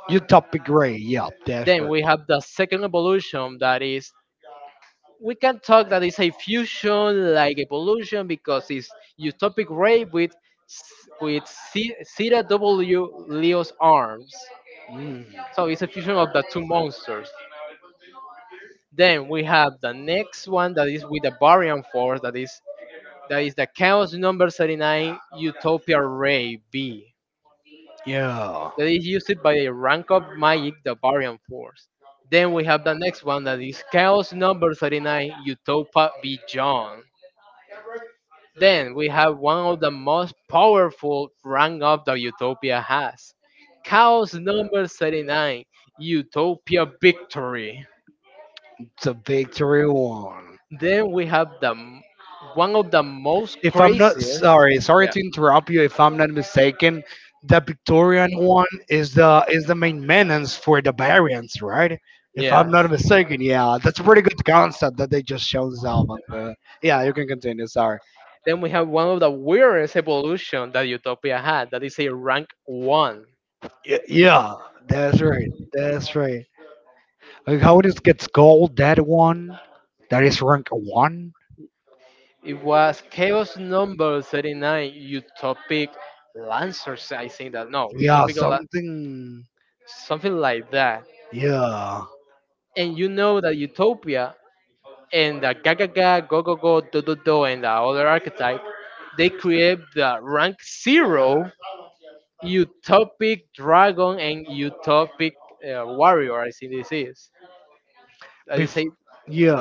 Speaker 2: Utopia Gray, yep, that's
Speaker 1: Then
Speaker 2: right.
Speaker 1: we have the second evolution, that is, we can talk that it's a fusion like evolution because it's utopic rape with with C- Zeta W Leo's arms.
Speaker 2: Mm.
Speaker 1: So it's a fusion of the two monsters. Then we have the next one that is with the Variant Force, that is the Chaos number 39 Utopia Ray B.
Speaker 2: Yeah.
Speaker 1: That is used by a rank of magic, the Variant Force. Then we have the next one that is Chaos number 39 Utopia Beyond. Then we have one of the most powerful rank up that Utopia has, Chaos number 39, Utopia Victory.
Speaker 2: The victory won.
Speaker 1: Then we have one of the most
Speaker 2: If I'm not
Speaker 1: craziest.
Speaker 2: sorry, Sorry
Speaker 1: Yeah.
Speaker 2: to interrupt you. If I'm not mistaken, the Victorian one is the maintenance for the variants, right? If I'm
Speaker 1: Yes.
Speaker 2: not mistaken, yeah, that's a pretty good concept that they just showed this album. Yeah, you can continue. Sorry.
Speaker 1: Then we have one of the weirdest evolution that Utopia had. That is a rank one.
Speaker 2: Yeah, that's right. That's right. Like how this gets gold, that one, that is rank one.
Speaker 1: It was Chaos number 39, Utopic Lancers. I think that no,
Speaker 2: Yeah,
Speaker 1: Utopic La-
Speaker 2: something.
Speaker 1: something like that.
Speaker 2: Yeah.
Speaker 1: And you know that Utopia and the Gagaga, Gogogo, Dododo, and the other archetype, they create the rank zero utopic dragon and utopic warrior. I think this is that is
Speaker 2: Bef-
Speaker 1: a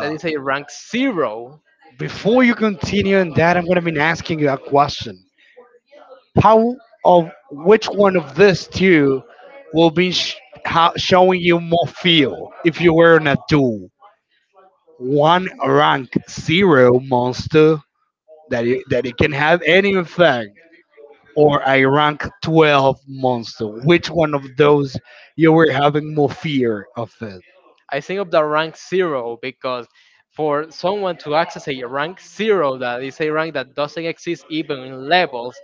Speaker 1: that is a rank zero.
Speaker 2: Before you continue on that, I'm going to be asking you a question. How of which one of these two will be showing you more feel if you were in a duel? One rank zero monster that it can have any effect, or a rank 12 monster. Which one of those you were having more fear of it?
Speaker 1: I think of the rank zero because for someone to access a rank zero, that is a rank that doesn't exist even in levels,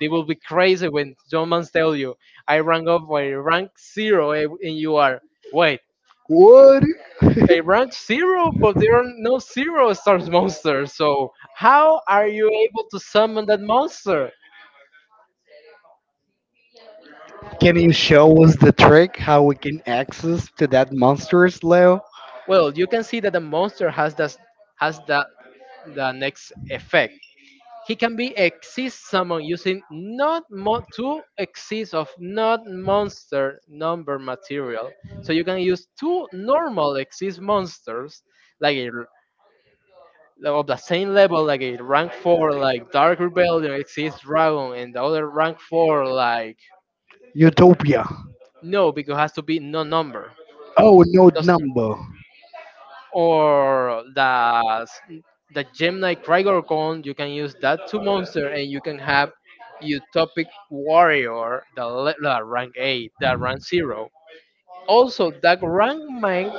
Speaker 1: they will be crazy when someone tell you, "I rank up by rank zero, and you are wait."
Speaker 2: What?
Speaker 1: Okay, rank zero, but there are no zero stars monsters. So how are you able to summon that monster?
Speaker 2: Can you show us the trick how we can access to that monsters, Leo?
Speaker 1: Well, you can see that the monster has that the next effect. He can be exist summoned using not mo- two exist of not monster number material. So you can use two normal exist monsters, like a of the same level, like a rank four like Dark Rebellion exists Dragon and the other rank four like
Speaker 2: Utopia.
Speaker 1: no, because has to be no number.
Speaker 2: Oh, no
Speaker 1: Doesn't-
Speaker 2: number.
Speaker 1: or the Gemini Krygorgon, you can use that two monster and you can have Utopic Warrior the rank 8, the rank zero. Also that rank man,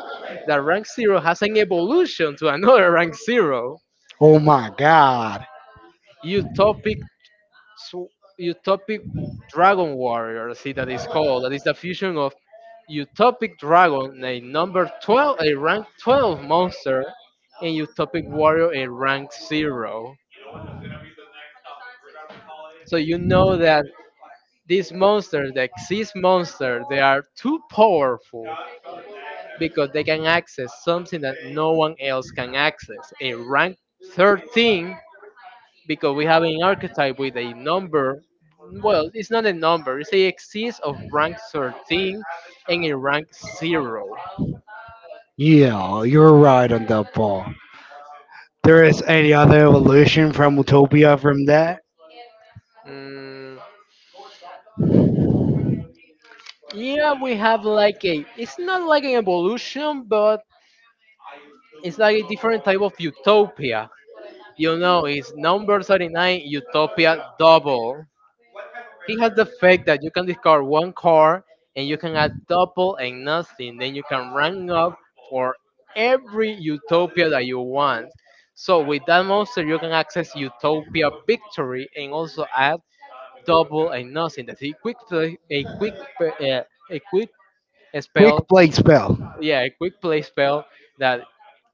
Speaker 1: the rank zero has an evolution to another rank zero.
Speaker 2: Oh my god.
Speaker 1: Utopic, so utopic dragon warrior see, that is called, that is the fusion of utopic dragon a number 12, a rank 12 monster, and utopic warrior, a rank 0. So you know that these monsters, the exist monster, they are too powerful because they can access something that no one else can access, a rank 13, because we have an archetype with a number. Well, it's not a number. It's a axis of rank 13 and a rank zero.
Speaker 2: Yeah, you're right on that ball. There is any other evolution from Utopia from that?
Speaker 1: Mm, yeah, we have like a, it's not like an evolution, but it's like a different type of utopia. You know, it's number 39 utopia double. He has the fact that you can discard one card and you can add double and nothing. Then you can rank up for every utopia that you want. So with that monster, you can access Utopia Victory and also add double and nothing. That's a quick play, a quick
Speaker 2: Quick
Speaker 1: spell.
Speaker 2: play spell.
Speaker 1: Yeah, a quick play spell that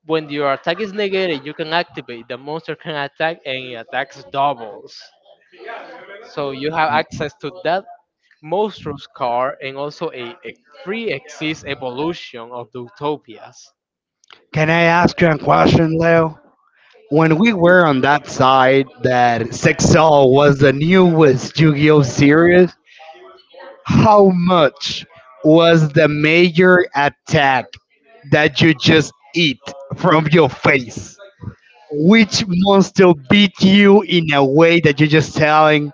Speaker 1: when your attack is negated, you can activate. The monster can attack and it attacks doubles. So you have access to that Mostro's car and also a pre-exist evolution of the utopias.
Speaker 2: Can I ask you a question, Leo? When we were on that side that 6 oh was the newest Yu-Gi-Oh series, how much was the major attack that you just eat from your face? Which monster beat you in a way that you're just telling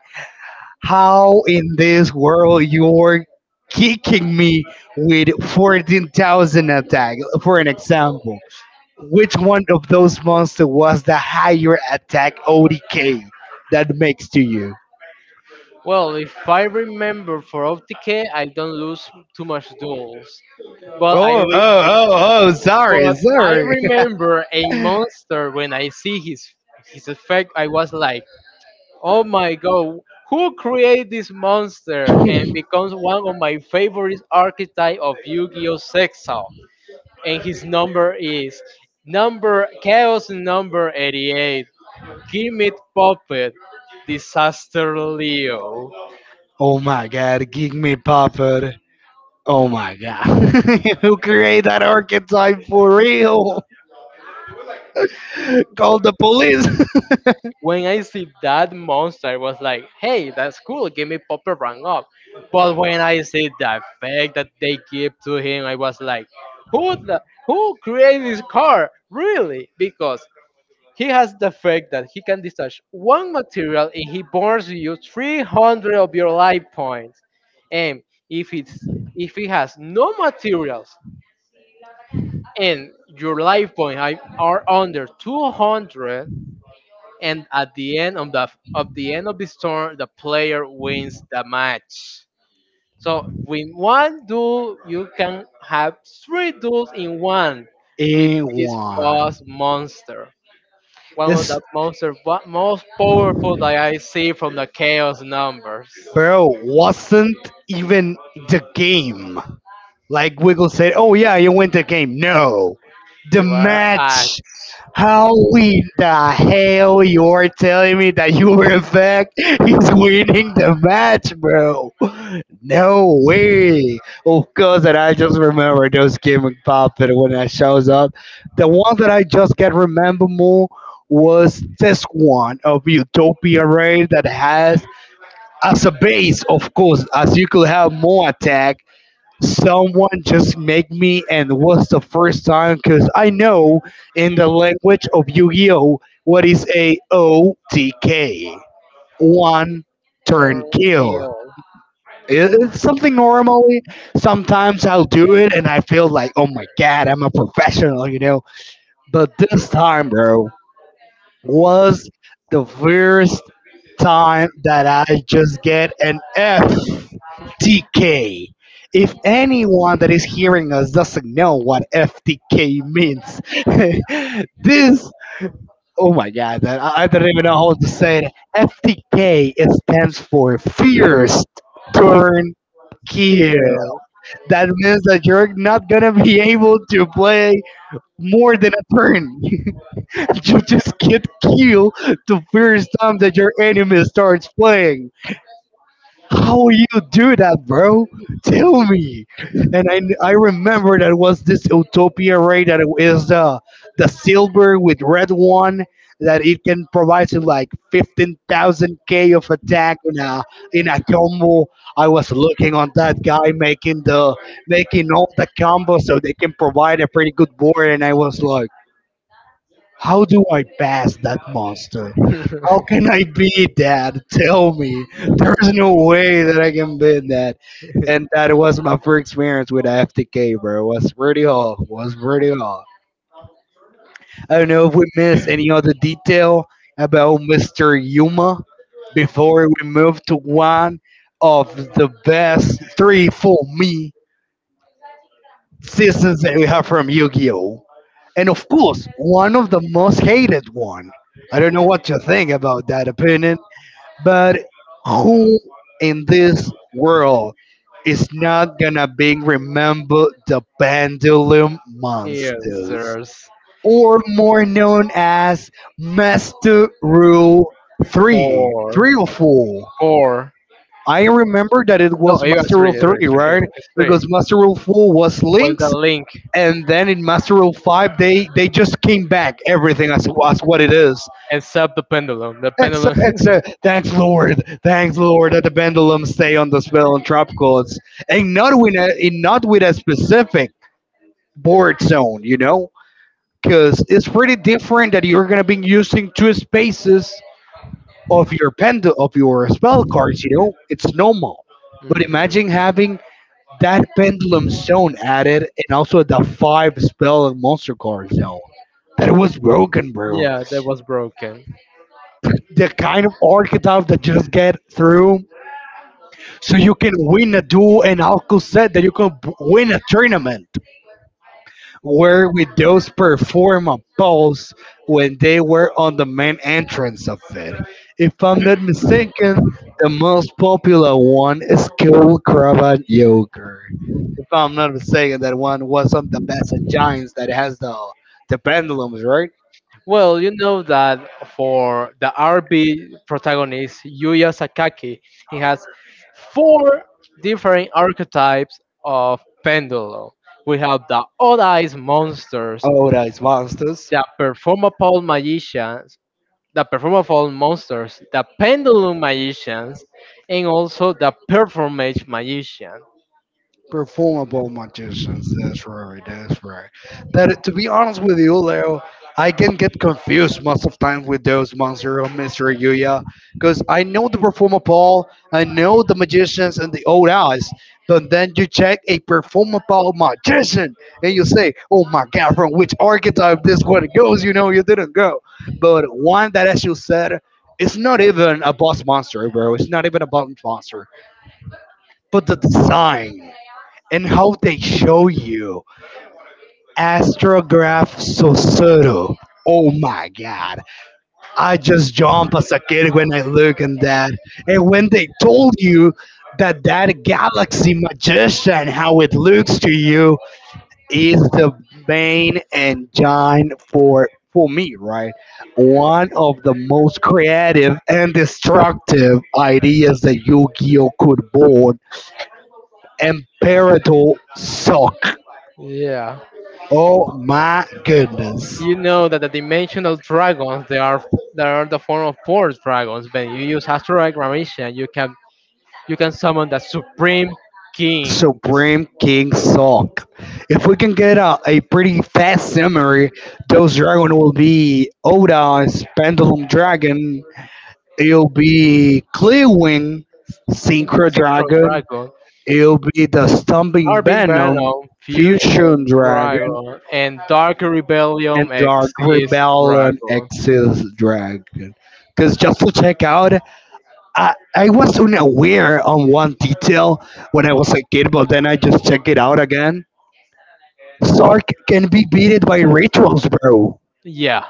Speaker 2: how in this world you're kicking me with 14,000 attack, for an example? Which one of those monsters was the higher attack ODK that makes to you?
Speaker 1: Well, if I remember for Optike, I don't lose too much duels, but
Speaker 2: Oh, oh, oh, oh, sorry,
Speaker 1: but I
Speaker 2: sorry.
Speaker 1: remember a monster when I see his effect. I was like, oh my god, who created this monster, and becomes one of my favorite archetype of Yu-Gi-Oh Sexal. And his number is number chaos number 88, Gimit Puppet Disaster Leo.
Speaker 2: Oh my god, give me puppet. Oh my god. Who created that archetype for real? Call the police.
Speaker 1: When I see that monster, I was like, hey, that's cool, Gimit Puppet rang up. But when I see the effect that they give to him, I was like, who created this car? Really? Because he has the fact that he can discharge one material and he burns you 300 of your life points. And if it's if he has no materials and your life points are under 200, and at the end of the end of this turn, the player wins the match. So with one duel, you can have three duels in one with
Speaker 2: A
Speaker 1: this
Speaker 2: one.
Speaker 1: boss monster. One of
Speaker 2: This
Speaker 1: the most powerful that I see from the chaos numbers.
Speaker 2: bro wasn't even the game. Like Wiggle said, oh yeah, you win the game. No, the
Speaker 1: You I actor
Speaker 2: match. How in the hell you're telling me that you were in fact he's winning the match, bro? No way. Of course, and I just remember those gimmick popping when that shows up. The one that I just can remember more was this one of Utopia Ray that has as a base, of course, as you could have more attack. Someone just make me and was the first time because I know in the language of Yu-Gi-Oh what is a OTK, one turn kill.
Speaker 1: kill
Speaker 2: It's something normally. Sometimes I'll do it and I feel like, oh my god, I'm a professional, you know. But this time, bro, was the first time that I just get an FTK. If anyone that is hearing us doesn't know what FTK means, this oh my god, I don't even know how to say it. FTK, it stands for fierce turnkey.
Speaker 1: kill.
Speaker 2: That means that you're not gonna be able to play more than a turn. You just get killed the first time that your enemy starts playing. How you do that, bro? Tell me. And I remember that was this Utopia raid that is the silver with red one that it can provide you like 15,000 k of attack in a combo. I was looking on that guy making the making all the combos so they can provide a pretty good board, and I was like, how do I pass that monster? How can I be that? Tell me. There's no way that I can be that. And that was my first experience with FTK, bro. It was pretty hot. Was pretty hot. I don't know if we missed any other detail about Mr. Yuma before we move to one of the best three for me seasons that we have from Yu-Gi-Oh! And of course, one of the most hated one. I don't know what you think about that opinion. But who in this world is not gonna be remembered the Pendulum
Speaker 1: Yes,
Speaker 2: Monsters,
Speaker 1: there's
Speaker 2: or more known as Master Rule 3?
Speaker 1: four,
Speaker 2: 3 or 4?
Speaker 1: four.
Speaker 2: I remember that it
Speaker 1: No,
Speaker 2: was
Speaker 1: it was
Speaker 2: Master Rule
Speaker 1: three. It was
Speaker 2: 3,
Speaker 1: three. It
Speaker 2: right?
Speaker 1: was three.
Speaker 2: Because Master Rule 4 was
Speaker 1: Well, the
Speaker 2: Link's,
Speaker 1: link
Speaker 2: and then in Master Rule 5, they just came back everything as what it is.
Speaker 1: except the pendulum. The
Speaker 2: Ex
Speaker 1: pendulum.
Speaker 2: exa Thanks, Lord. Thanks, Lord, that the pendulum stay on the spell and tropicals, and not with a specific board zone. You know, because it's pretty different that you're gonna be using two spaces of your pendul of your spell cards. You know, it's normal. But
Speaker 1: Mhm.
Speaker 2: imagine having that pendulum zone added, and also the five spell and monster card zone. That was broken, bro.
Speaker 1: Yeah, that was broken.
Speaker 2: The kind of archetype that just get through. So you can win a duel and Alco said that you can win a tournament where with those perform a pose when they were on the main entrance of it. If I'm not mistaken, the most popular one is Cool Cravat Yogurt. If I'm not mistaken, that one was on the best in Giants that has the pendulums, right?
Speaker 1: Well, you know that for the RB protagonist Yuya Sakaki, he has four different archetypes of Pendulo. We have the Odd Eyes monsters,
Speaker 2: Oh, that is monsters.
Speaker 1: the Performapole magicians, the Performapole monsters, the Pendulum magicians, and also the Performage magician.
Speaker 2: Performable magicians. That's right. That's right. That, to be honest with you, Leo, I can get confused most of times with those monster or Mister Yuya, because I know the performable, I know the magicians and the old eyes, but then you check a performable magician and you say, "Oh my God, from which archetype this one goes?" You know, you didn't go, but one that, as you said. It's not even a boss monster, bro. It's not even a boss monster. But the design and how they show you Astrograph Susuru. Oh my god. I just jump as a kid when I look at that. And when they told you that that galaxy magician, how it looks to you, is the main engine for me, right? One of the most creative and destructive ideas that Yu-Gi-Oh could board, Imperator Sock.
Speaker 1: Yeah.
Speaker 2: Oh my goodness.
Speaker 1: You know that the dimensional dragons they are the form of force dragons. When you use asteroid gravitation, you can summon the supreme king,
Speaker 2: Supreme King Salk. If we can get a pretty fast summary, those dragon will be Oda's Pendulum Dragon, it'll be Clearwing,
Speaker 1: syn-
Speaker 2: Synchro
Speaker 1: Synchro
Speaker 2: Dragon,
Speaker 1: Dragon.
Speaker 2: it'll be the Stumping
Speaker 1: Arvin
Speaker 2: Venom,
Speaker 1: Venom,
Speaker 2: Fusion
Speaker 1: Fusion
Speaker 2: Dragon,
Speaker 1: Dragon, and Dark
Speaker 2: and
Speaker 1: Rebellion
Speaker 2: Dark
Speaker 1: Exist
Speaker 2: Rebellion
Speaker 1: Dragon.
Speaker 2: Exis Dragon. Because just to check out, I was unaware on one detail when I was a kid, but then I just check it out again. Sark can be beaten by rituals, bro.
Speaker 1: Yeah,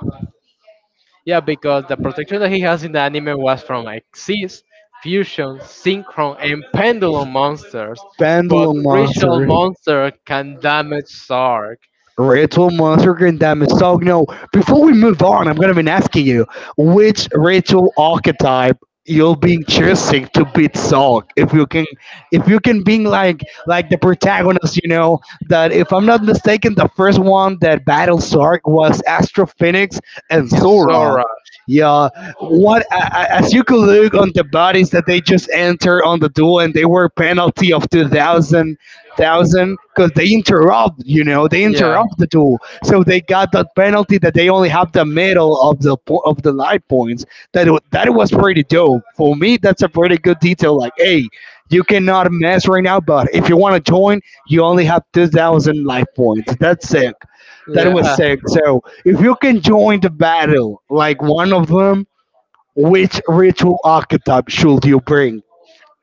Speaker 1: yeah, because the protection that he has in the anime was from Exist, Fusion, Synchron, and Pendulum monsters, but
Speaker 2: Pendulum
Speaker 1: Ritual
Speaker 2: monster.
Speaker 1: Monster can damage Sark
Speaker 2: Rachel Monstergren Damasogne. No, before we move on, I'm going to be asking you which Rachel archetype you'll be choosing to beat Salk. If you can being like the protagonist, you know that if I'm not mistaken, the first one that battled Sark was Astro Phoenix and
Speaker 1: and
Speaker 2: Sora.
Speaker 1: Sora.
Speaker 2: Yeah, what as you could look on the bodies that they just entered on the duel, and they were penalty of 2000 thousand because they interrupt. You know, they
Speaker 1: Yeah,
Speaker 2: interrupt the duel, so they got the penalty that they only have the middle of the life points. That was pretty dope for me. That's a pretty good detail. Like, hey, you cannot mess right now, but if you want to join, you only have 2,000 life points. That's sick. That was
Speaker 1: yeah.
Speaker 2: sick. So if you can join the battle, like one of them. Which ritual archetype should you bring?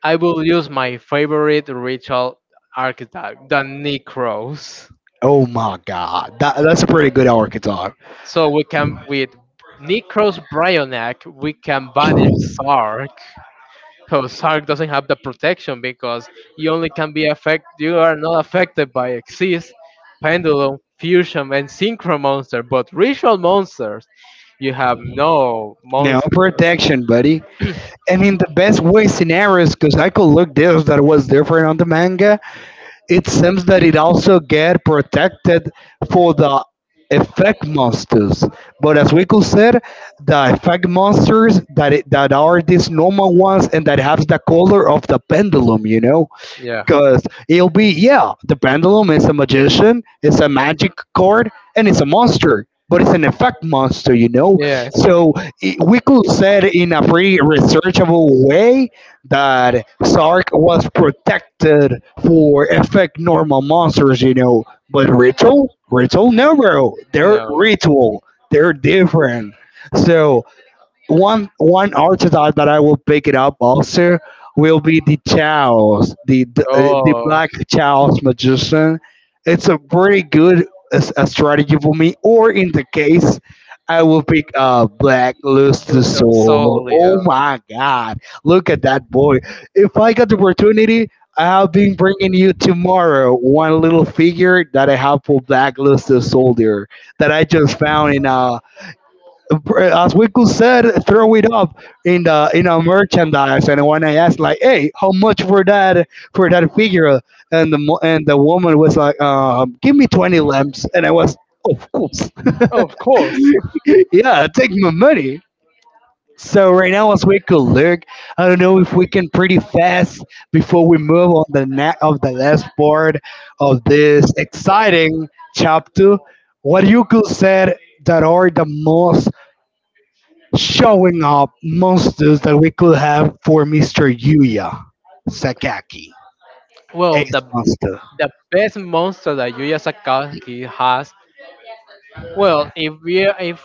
Speaker 1: I will use my favorite ritual archetype, the Necros.
Speaker 2: Oh my god, that, that's a pretty good archetype.
Speaker 1: So we can with Necros Bryonic, we can banish Sark. Because Sark doesn't have the protection because you only can be affected you are not affected by Exist, Pendulum, Fusion and Synchro Monster, but ritual monsters you have no
Speaker 2: No
Speaker 1: monster.
Speaker 2: protection, buddy. And in the best way scenarios, because I could look this that was different on the manga, it seems that it also get protected for the effect monsters. But as Wickle said, the effect monsters that are these normal ones and that have the color of the pendulum, you know,
Speaker 1: Yeah.
Speaker 2: cause it'll be yeah, the pendulum is a magician, it's a magic card, and it's a monster, but it's an effect monster, you know.
Speaker 1: Yes.
Speaker 2: So I we could say in a pretty researchable way that Sark was protected for effect normal monsters, you know. But ritual, ritual, no, bro, they're
Speaker 1: No.
Speaker 2: ritual, they're different. So one archetype that I will pick it up also will be the Chaos, the
Speaker 1: Oh
Speaker 2: Black Chaos Magician. It's a pretty good a strategy for me. Or in the case, I will pick Black Luster
Speaker 1: Luster
Speaker 2: Soul.
Speaker 1: Solia.
Speaker 2: Oh my God! Look at that boy. If I got the opportunity. I have been bringing you tomorrow one little figure that I have for Black Luster Soldier that I just found in a as Wiku said, throw it up in the in our merchandise. And when I asked, like, "Hey, how much for that figure?" And the woman was like, "Give me 20 lamps," and I was, "Of course,
Speaker 1: Of course.
Speaker 2: yeah, take my money." So right now, as we could look, I don't know if we can pretty fast before we move on the last part of this exciting chapter. What you could said that are the most showing up monsters that we could have for Mr. Yuya Sakaki,
Speaker 1: Well, the
Speaker 2: Ace Monster.
Speaker 1: the best monster that Yuya Sakaki has. Well, if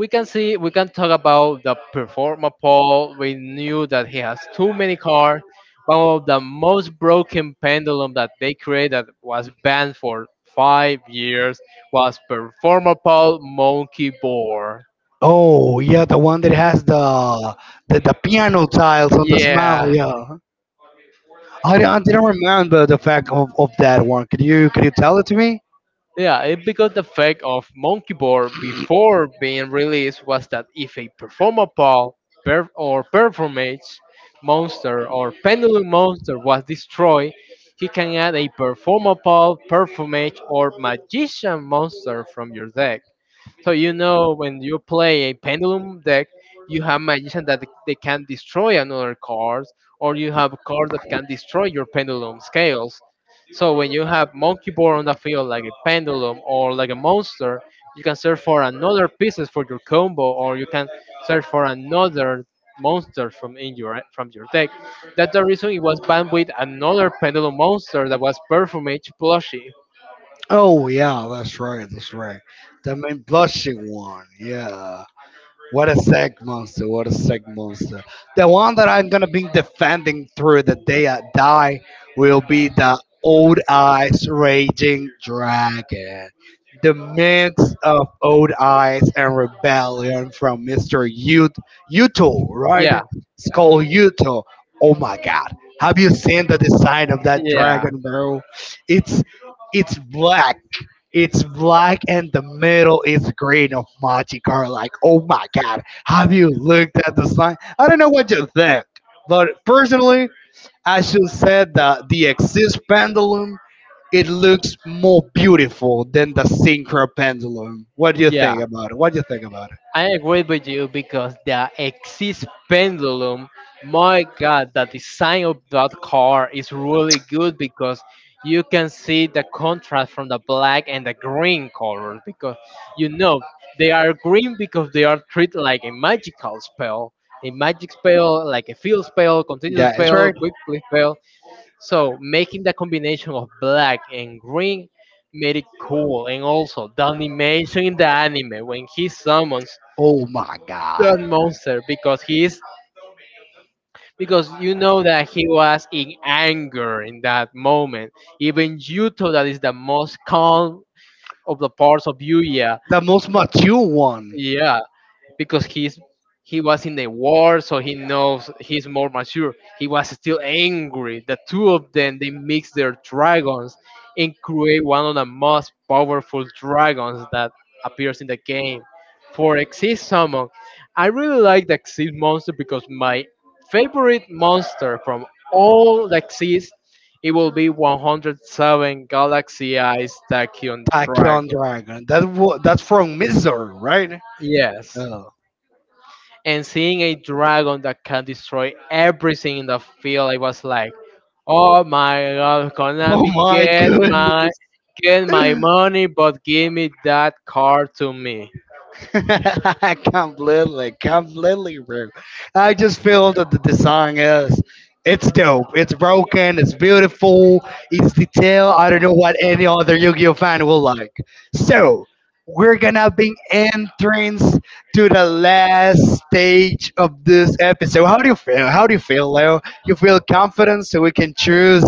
Speaker 1: we can see, we can talk about the performer Paul. We knew that he has too many cards. One of the most broken pendulum that they created that was banned for 5 years was performer Paul Monkey Board.
Speaker 2: Oh yeah, the one that has the piano tiles on the smile.
Speaker 1: Yeah,
Speaker 2: Yeah, I didn't remember the fact of that one. Could you tell it to me?
Speaker 1: yeah, because the fact of Monkey Bar before being released was that if a performer pal or performance monster or pendulum monster was destroyed, he can add a performer pal, performance or magician monster from your deck. So you know when you play a pendulum deck, you have magicians that they can destroy another cards, or you have cards that can destroy your pendulum scales. So when you have monkey board on the field like a pendulum or like a monster, you can search for another pieces for your combo, or you can search for another monster from your deck. That's the reason it was banned with another pendulum monster that was Perfumage plushie.
Speaker 2: Oh yeah, that's right, that's right. The main blushing one. Yeah. What a seg monster! What a seg monster! The one that I'm gonna be defending through the day I die will be the Old Eyes Raging Dragon, the mix of Old Eyes and Rebellion from Mr. Yut Yuto, right?
Speaker 1: Yeah,
Speaker 2: It's called Yuto. Oh my God! Have you seen the design of that
Speaker 1: yeah,
Speaker 2: dragon, bro? It's it's black it's black and the middle is green of Monte Carlo. Like, oh my god, have you looked at the sign? I don't know what you think, but personally, I should say that the axis pendulum it looks more beautiful than the synchro pendulum. What do you
Speaker 1: yeah.
Speaker 2: think about it? What do you think about it?
Speaker 1: I agree with you because the Axis pendulum, my god, the design of that car is really good because you can see the contrast from the black and the green colors because you know they are green because they are treated like a magical spell, a magic spell, like a field spell, continuous
Speaker 2: Yeah, it's
Speaker 1: spell,
Speaker 2: right.
Speaker 1: quick play spell. So making the combination of black and green made it cool, and also the animation in the anime when he summons
Speaker 2: Oh my
Speaker 1: that
Speaker 2: god,
Speaker 1: monster because he is, because you know that he was in anger in that moment. Even Yuto, that is the most calm of the parts of Yuya,
Speaker 2: the most mature one.
Speaker 1: yeah, because he was in the war, so he knows he's more mature. He was still angry. The two of them they mix their dragons and create one of the most powerful dragons that appears in the game. For Exist Summon, I really like the Exist monster because my favorite monster from all the Exist, it will be 107 Galaxy Eyes Tachyon
Speaker 2: Attack
Speaker 1: Dragon.
Speaker 2: Dragon. That's from Mizor, right?
Speaker 1: Yes.
Speaker 2: Oh,
Speaker 1: And seeing a dragon that can destroy everything in the field, I was like, "Oh my God,
Speaker 2: oh
Speaker 1: Konami,
Speaker 2: my goodness.
Speaker 1: get my money, but give me that card to me."
Speaker 2: completely, completely, bro. I just feel that the design is it's dope. It's broken. It's beautiful. It's detailed. I don't know what any other Yu-Gi-Oh fan will like. So we're gonna be entrance to the last stage of this episode. How do you feel? How do you feel, Leo? You feel confident so we can choose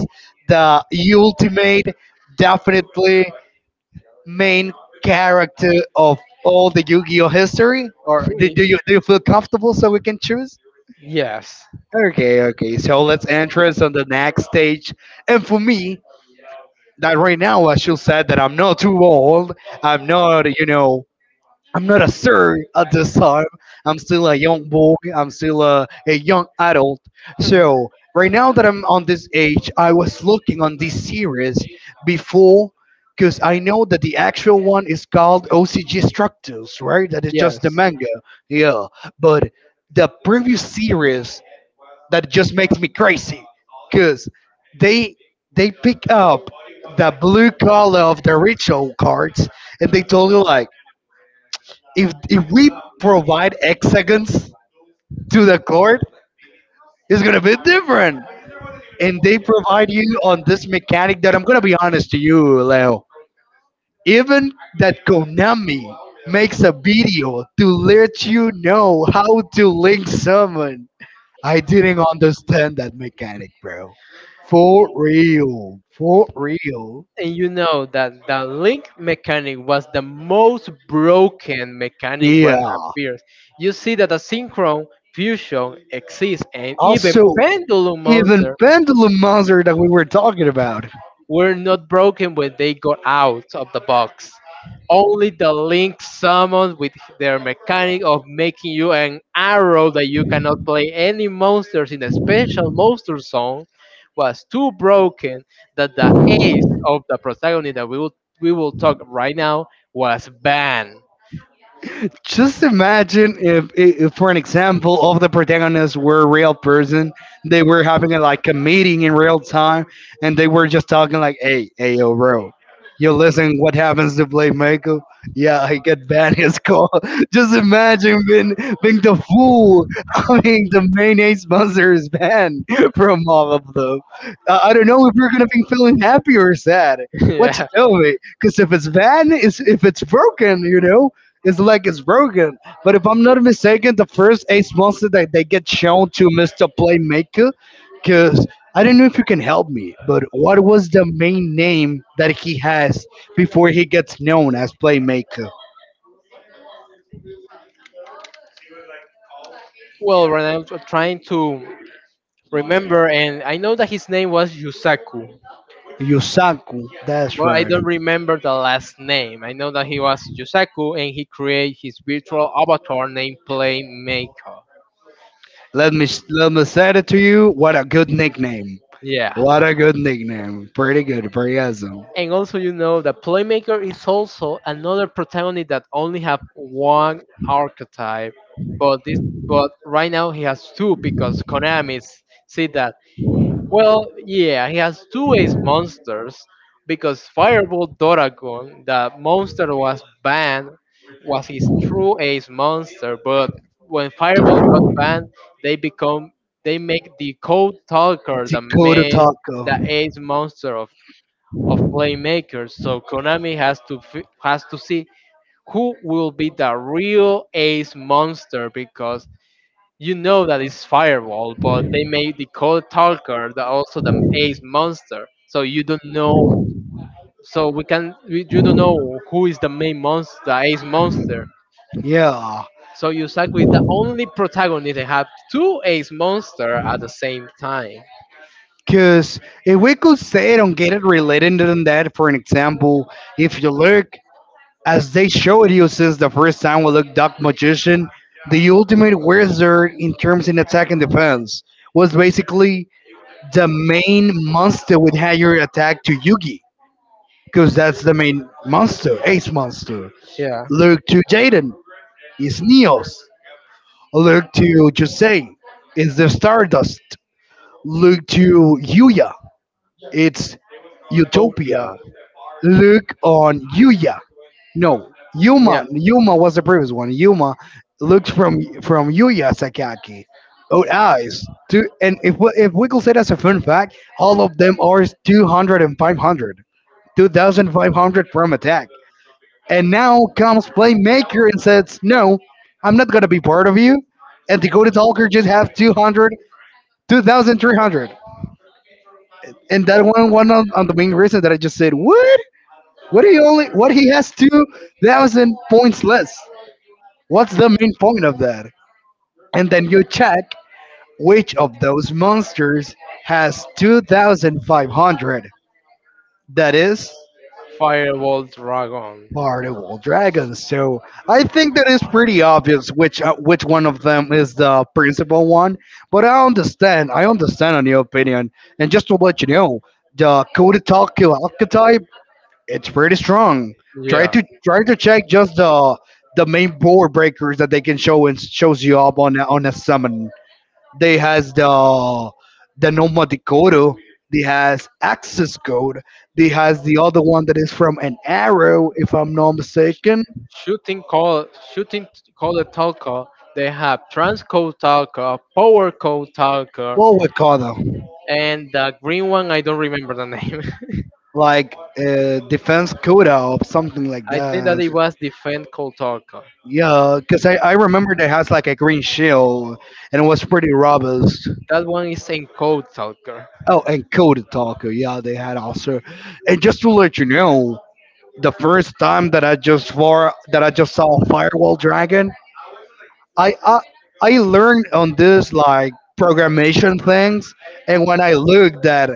Speaker 2: the ultimate, definitely main character of all the Yu-Gi-Oh history? Or do you feel comfortable so we can choose?
Speaker 1: Yes,
Speaker 2: Okay, okay. So let's enter us on the next stage. And for me, that right now, I should said, that I'm not too old. I'm not, you know, I'm not a sir at this time. I'm still a young boy. I'm still a young adult. So right now that I'm on this age, I was looking on this series before because I know that the actual one is called OCG Structures, right? That is just the
Speaker 1: yes.
Speaker 2: manga. Yeah. But the previous series that just makes me crazy because they they pick up the blue color of the ritual cards and they told you like if we provide hexagons to the court, it's gonna be different. And they provide you on this mechanic that I'm gonna be honest to you, Leo. Even that Konami makes a video to let you know how to link summon. I didn't understand that mechanic, bro. For real. For real.
Speaker 1: And you know that the link mechanic was the most broken mechanic what
Speaker 2: Yeah.
Speaker 1: appears. You see that the synchron, fusion, exists and even
Speaker 2: Also,
Speaker 1: pendulum
Speaker 2: even
Speaker 1: monster
Speaker 2: Pendulum Monster that we were talking about.
Speaker 1: were not broken when they got out of the box. Only the link summoned with their mechanic of making you an arrow that you cannot play any monsters in a special monster zone was too broken that the ace of the protagonist that we will talk right now was banned.
Speaker 2: Just imagine if for an example, all of the protagonists were a real person, they were having like a meeting in real time, and they were just talking like, "Hey, hey, yo, bro, you listen, what happens to Blake Michael? Yeah, he get banned his call." Just imagine being the fool. I mean, the mayonnaise sponsor is banned from all of them. I don't know if you're gonna be feeling happy or sad. What you
Speaker 1: Yeah.
Speaker 2: tell me? Because if it's banned, it's, if it's broken, you know, his leg is broken. But if I'm not mistaken, the first ace monster that they get shown to Mr. Playmaker, because I don't know if you can help me, but what was the main name that he has before he gets known as Playmaker?
Speaker 1: Well, when I'm trying to remember, and I know that his name was Yusaku.
Speaker 2: Yusaku. That's
Speaker 1: Well, I
Speaker 2: right.
Speaker 1: don't remember the last name. I know that he was Yusaku and he created his virtual avatar named Playmaker.
Speaker 2: Let me say it to you. What a good nickname.
Speaker 1: Yeah.
Speaker 2: What a good nickname. Pretty good. Pretty awesome.
Speaker 1: And also you know that Playmaker is also another protagonist that only have one archetype. But this, but right now he has two because see that. Well, yeah, he has two ace monsters because Firebolt Doragon, the monster was banned, was his true ace monster. But when Firebolt got banned, they become they make the Code Talker the
Speaker 2: Dakota
Speaker 1: main,
Speaker 2: Taco.
Speaker 1: the ace monster of playmakers. So Konami has to see who will be the real ace monster because you know that it's Firewall, but they made the Cold Talker, the, also the Ace Monster. So you don't know. So we can. We, you don't know who is the main monster, the Ace Monster.
Speaker 2: Yeah,
Speaker 1: So Yusaku is the only protagonist that have two Ace Monster at the same time.
Speaker 2: because if we could say it and get it related to that, for an example, if you look, as they showed you since the first time we looked Dark Magician, the ultimate wizard in terms in attack and defense was basically the main monster with higher attack to Yugi, because that's the main monster, ace monster.
Speaker 1: Yeah.
Speaker 2: Look to Jaden, it's Neos. Look to Jose, it's the Stardust. Look to Yuya, it's Utopia.
Speaker 1: Utopia.
Speaker 2: Look on Yuya. No,
Speaker 1: Yeah.
Speaker 2: Yuma. Yuma was the previous one. Yuma looks from Yuya Sakaki. Oh, eyes. Two, and if we could say that's a fun fact, all of them are 200 and 500. 2,500 from attack. And now comes Playmaker and says, No, I'm not going to be part of you. And Dakota Talker just has 200, 2,300. And that one, on the main reason that I just said, What? What he only, what he has 2,000 points less? What's the main point of that? And then you check which of those monsters has 2,500. That is
Speaker 1: Firewall Dragon.
Speaker 2: Multiple dragons. So I think that is pretty obvious which one of them is the principal one. But I understand. I understand on your opinion. And just to let you know, the Code archetype it's pretty strong. Try
Speaker 1: Yeah.
Speaker 2: to try to check just the main board breakers that they can show and shows you up on a summon. They has the Noma Dakota. They has access code. They has the other one that is from an arrow, if I'm not mistaken.
Speaker 1: Shooting call shooting call a talker. They have transcode talker, power code talker,
Speaker 2: What we call them?
Speaker 1: and the green one I don't remember the name.
Speaker 2: Like defense coda or something like
Speaker 1: I think that
Speaker 2: that.
Speaker 1: it was defend code talker.
Speaker 2: Yeah, because I remember they has like a green shield and it was pretty robust.
Speaker 1: That one is in encode talker.
Speaker 2: Oh, and Coda Talker, yeah, they had also. And just to let you know, the first time that I just saw a Firewall Dragon, I I, I learned on this like programmation things, and when I looked at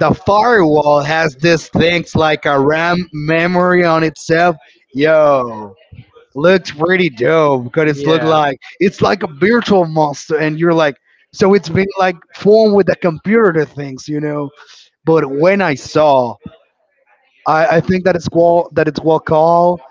Speaker 2: the firewall has these things like a RAM memory on itself. Yo, looks pretty dope because it's look
Speaker 1: Yeah.
Speaker 2: like it's like a virtual monster, and you're like, so it's been like formed with the computer things, you know. But when I saw, I think that it's called that it's what called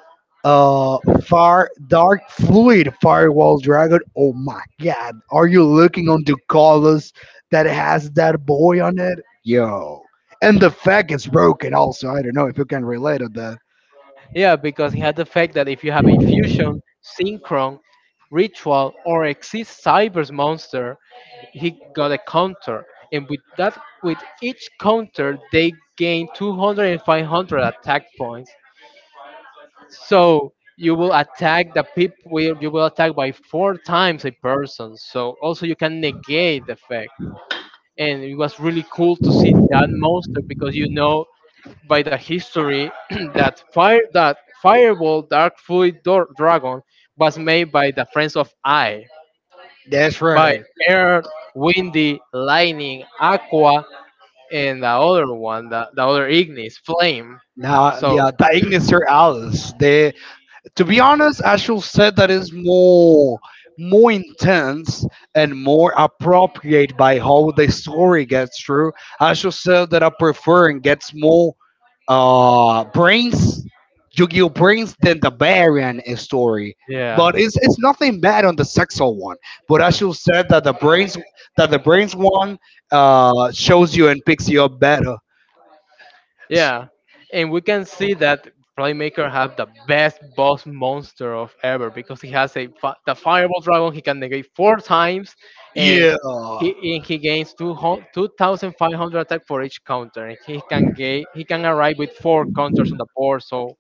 Speaker 2: uh, far dark fluid firewall dragon. Oh my god, are you looking on the colors that has that boy on it? Yo, and the fact it's broken. Also, I don't know if you can relate to that.
Speaker 1: Yeah, because it had the fact that if you have a fusion, synchron, ritual, or exist cybers monster, he got a counter, and with that, with each counter, they gain 200 and 500 attack points. So you will attack the people. You will attack by four times a person. So also you can negate the fact. And it was really cool to see that monster because you know by the history that Fireball Dark Dragon was made by the friends of I,
Speaker 2: That's
Speaker 1: by
Speaker 2: right.
Speaker 1: Air, Windy, Lightning, Aqua, and the other one, the other Ignis, Flame.
Speaker 2: Now,
Speaker 1: So
Speaker 2: yeah, the Ignister Alice. They To be honest, I should say that is more intense and more appropriate by how the story gets through. I should say that I prefer and gets more brains, Yu-Gi-Oh brains than the Baron story.
Speaker 1: yeah,
Speaker 2: But it's nothing bad on the sexual one. But I should say that the brains one shows you and picks you up better.
Speaker 1: yeah, and we can see that playmaker have the best boss monster of ever because he has a the fireball dragon. He can negate four times, and
Speaker 2: Yeah.
Speaker 1: he gains two thousand five hundred attack for each counter. And he can get, he can arrive with four counters on the board. So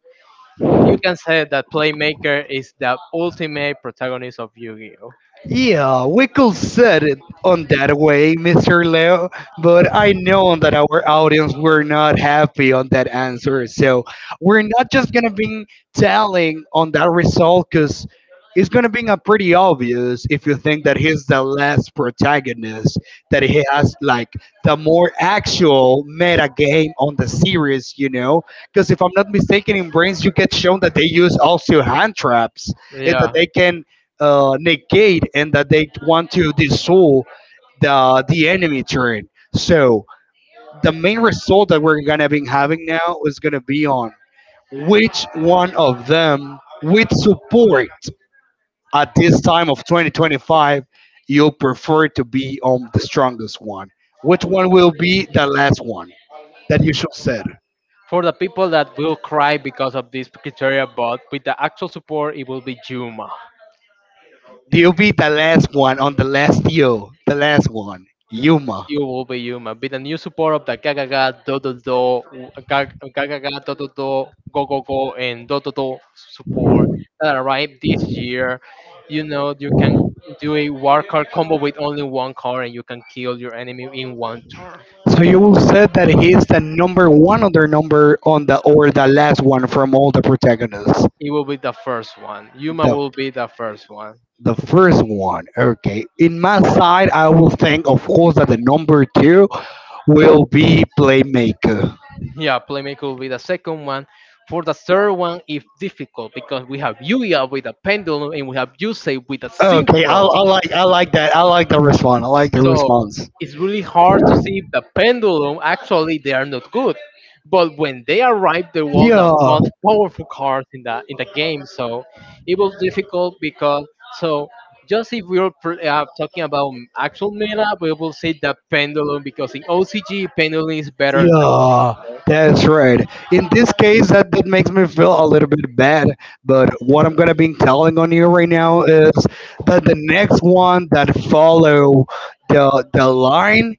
Speaker 1: you can say that playmaker is the ultimate protagonist of Yu-Gi-Oh.
Speaker 2: Yeah, we could set it on that way, Mr. Leo, but I know that our audience were not happy on that answer. So we're not just gonna be telling on that result because it's gonna be a pretty obvious if you think that he's the last protagonist, that he has like the more actual meta game on the series, you know? Because if I'm not mistaken, in Brains you get shown that they use also hand traps and that
Speaker 1: Yeah,
Speaker 2: they can negate and that they want to dissolve the enemy turn. So the main result that we're gonna be having now is gonna be on which one of them with support at this time of 2025 you'll prefer to be on the strongest one. Which one will be the last one that you should set?
Speaker 1: for the people that will cry because of this criteria, but with the actual support, it will be Juma.
Speaker 2: You'll be the last one on the last deal, the last one, Yuma.
Speaker 1: You will be human. Be the new support of the Gagaga Do Do Do Go Go Go and Do Do Do support that arrived this year. You know you can do a war card combo with only one card and you can kill your enemy in one turn.
Speaker 2: So you will say that he is the number one on their number on the or the last one from all the protagonists.
Speaker 1: It will be the first one. Human
Speaker 2: The
Speaker 1: will be the first one.
Speaker 2: the first one. Okay. In my side I will think of course that the number two will be playmaker.
Speaker 1: Yeah, Playmaker will be the second one. For the third one, if difficult, because we have Yuya with a pendulum and we have Yusei with a
Speaker 2: Okay, I,
Speaker 1: synchro.
Speaker 2: I like I like that. I like the response. I like the
Speaker 1: So
Speaker 2: response.
Speaker 1: it's really hard to see if the pendulum. Actually, they are not good. But when they arrive, they were the
Speaker 2: Yeah.
Speaker 1: most powerful cards in the game. So it was difficult because, so, just if we are talking about actual meta, we will say the pendulum because in OCG pendulum is better.
Speaker 2: Yeah, that's right. In this case, that makes me feel a little bit bad. But what I'm gonna be telling on you right now is that the next one that follow the line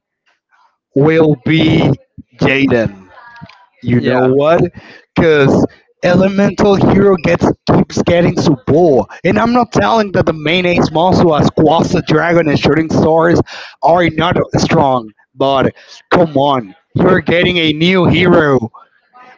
Speaker 2: will be Jaden. You
Speaker 1: Than,
Speaker 2: know
Speaker 1: yeah,
Speaker 2: what? Cause Elemental Hero gets keeps getting so bored. And I'm not telling that the main ace monster as Quas the Dragon and Shooting Stars are not strong, but come on, you're getting a new hero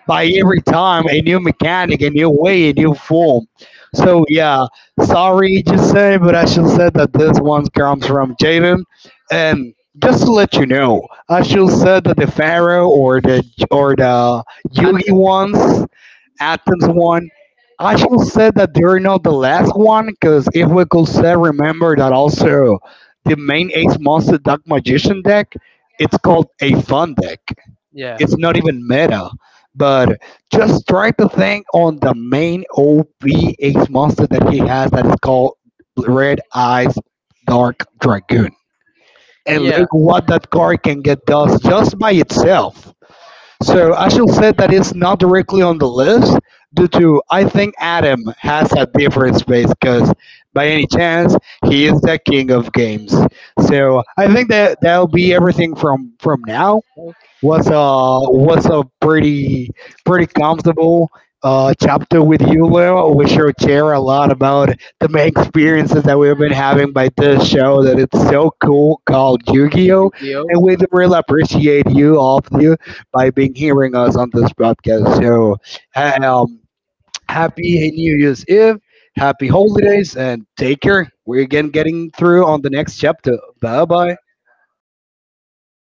Speaker 2: by every time a new mechanic, a new way, a new form. So yeah, sorry to say, but I should say that this one comes from Jaden. And just to let you know, I should say that the Pharaoh or the Yugi
Speaker 1: Hudson.
Speaker 2: ones, Athens one. I should say that they're not the last one, because if we could say, remember that also the main Ace Monster Dark Magician deck, it's called a fun deck.
Speaker 1: Yeah,
Speaker 2: It's not even meta, but just try to think on the main OP ace monster that he has that is called Red Eyes Dark Dragoon. And
Speaker 1: yeah.
Speaker 2: look what that card can get does just by itself. So I should say that it's not directly on the list due to I think Adam has a different space because by any chance he is the king of games. So I think that that'll be everything from now was a pretty pretty comfortable chapter with you, Leo. We sure share a lot about the main experiences that we've been having by this show that it's so cool called Yu-Gi-Oh!
Speaker 1: Yu-Gi-Oh.
Speaker 2: And we really appreciate you, all of you, by being hearing us on this podcast. So um, happy New Year's Eve, happy holidays, and take care. We're again getting through on the next chapter. Bye bye.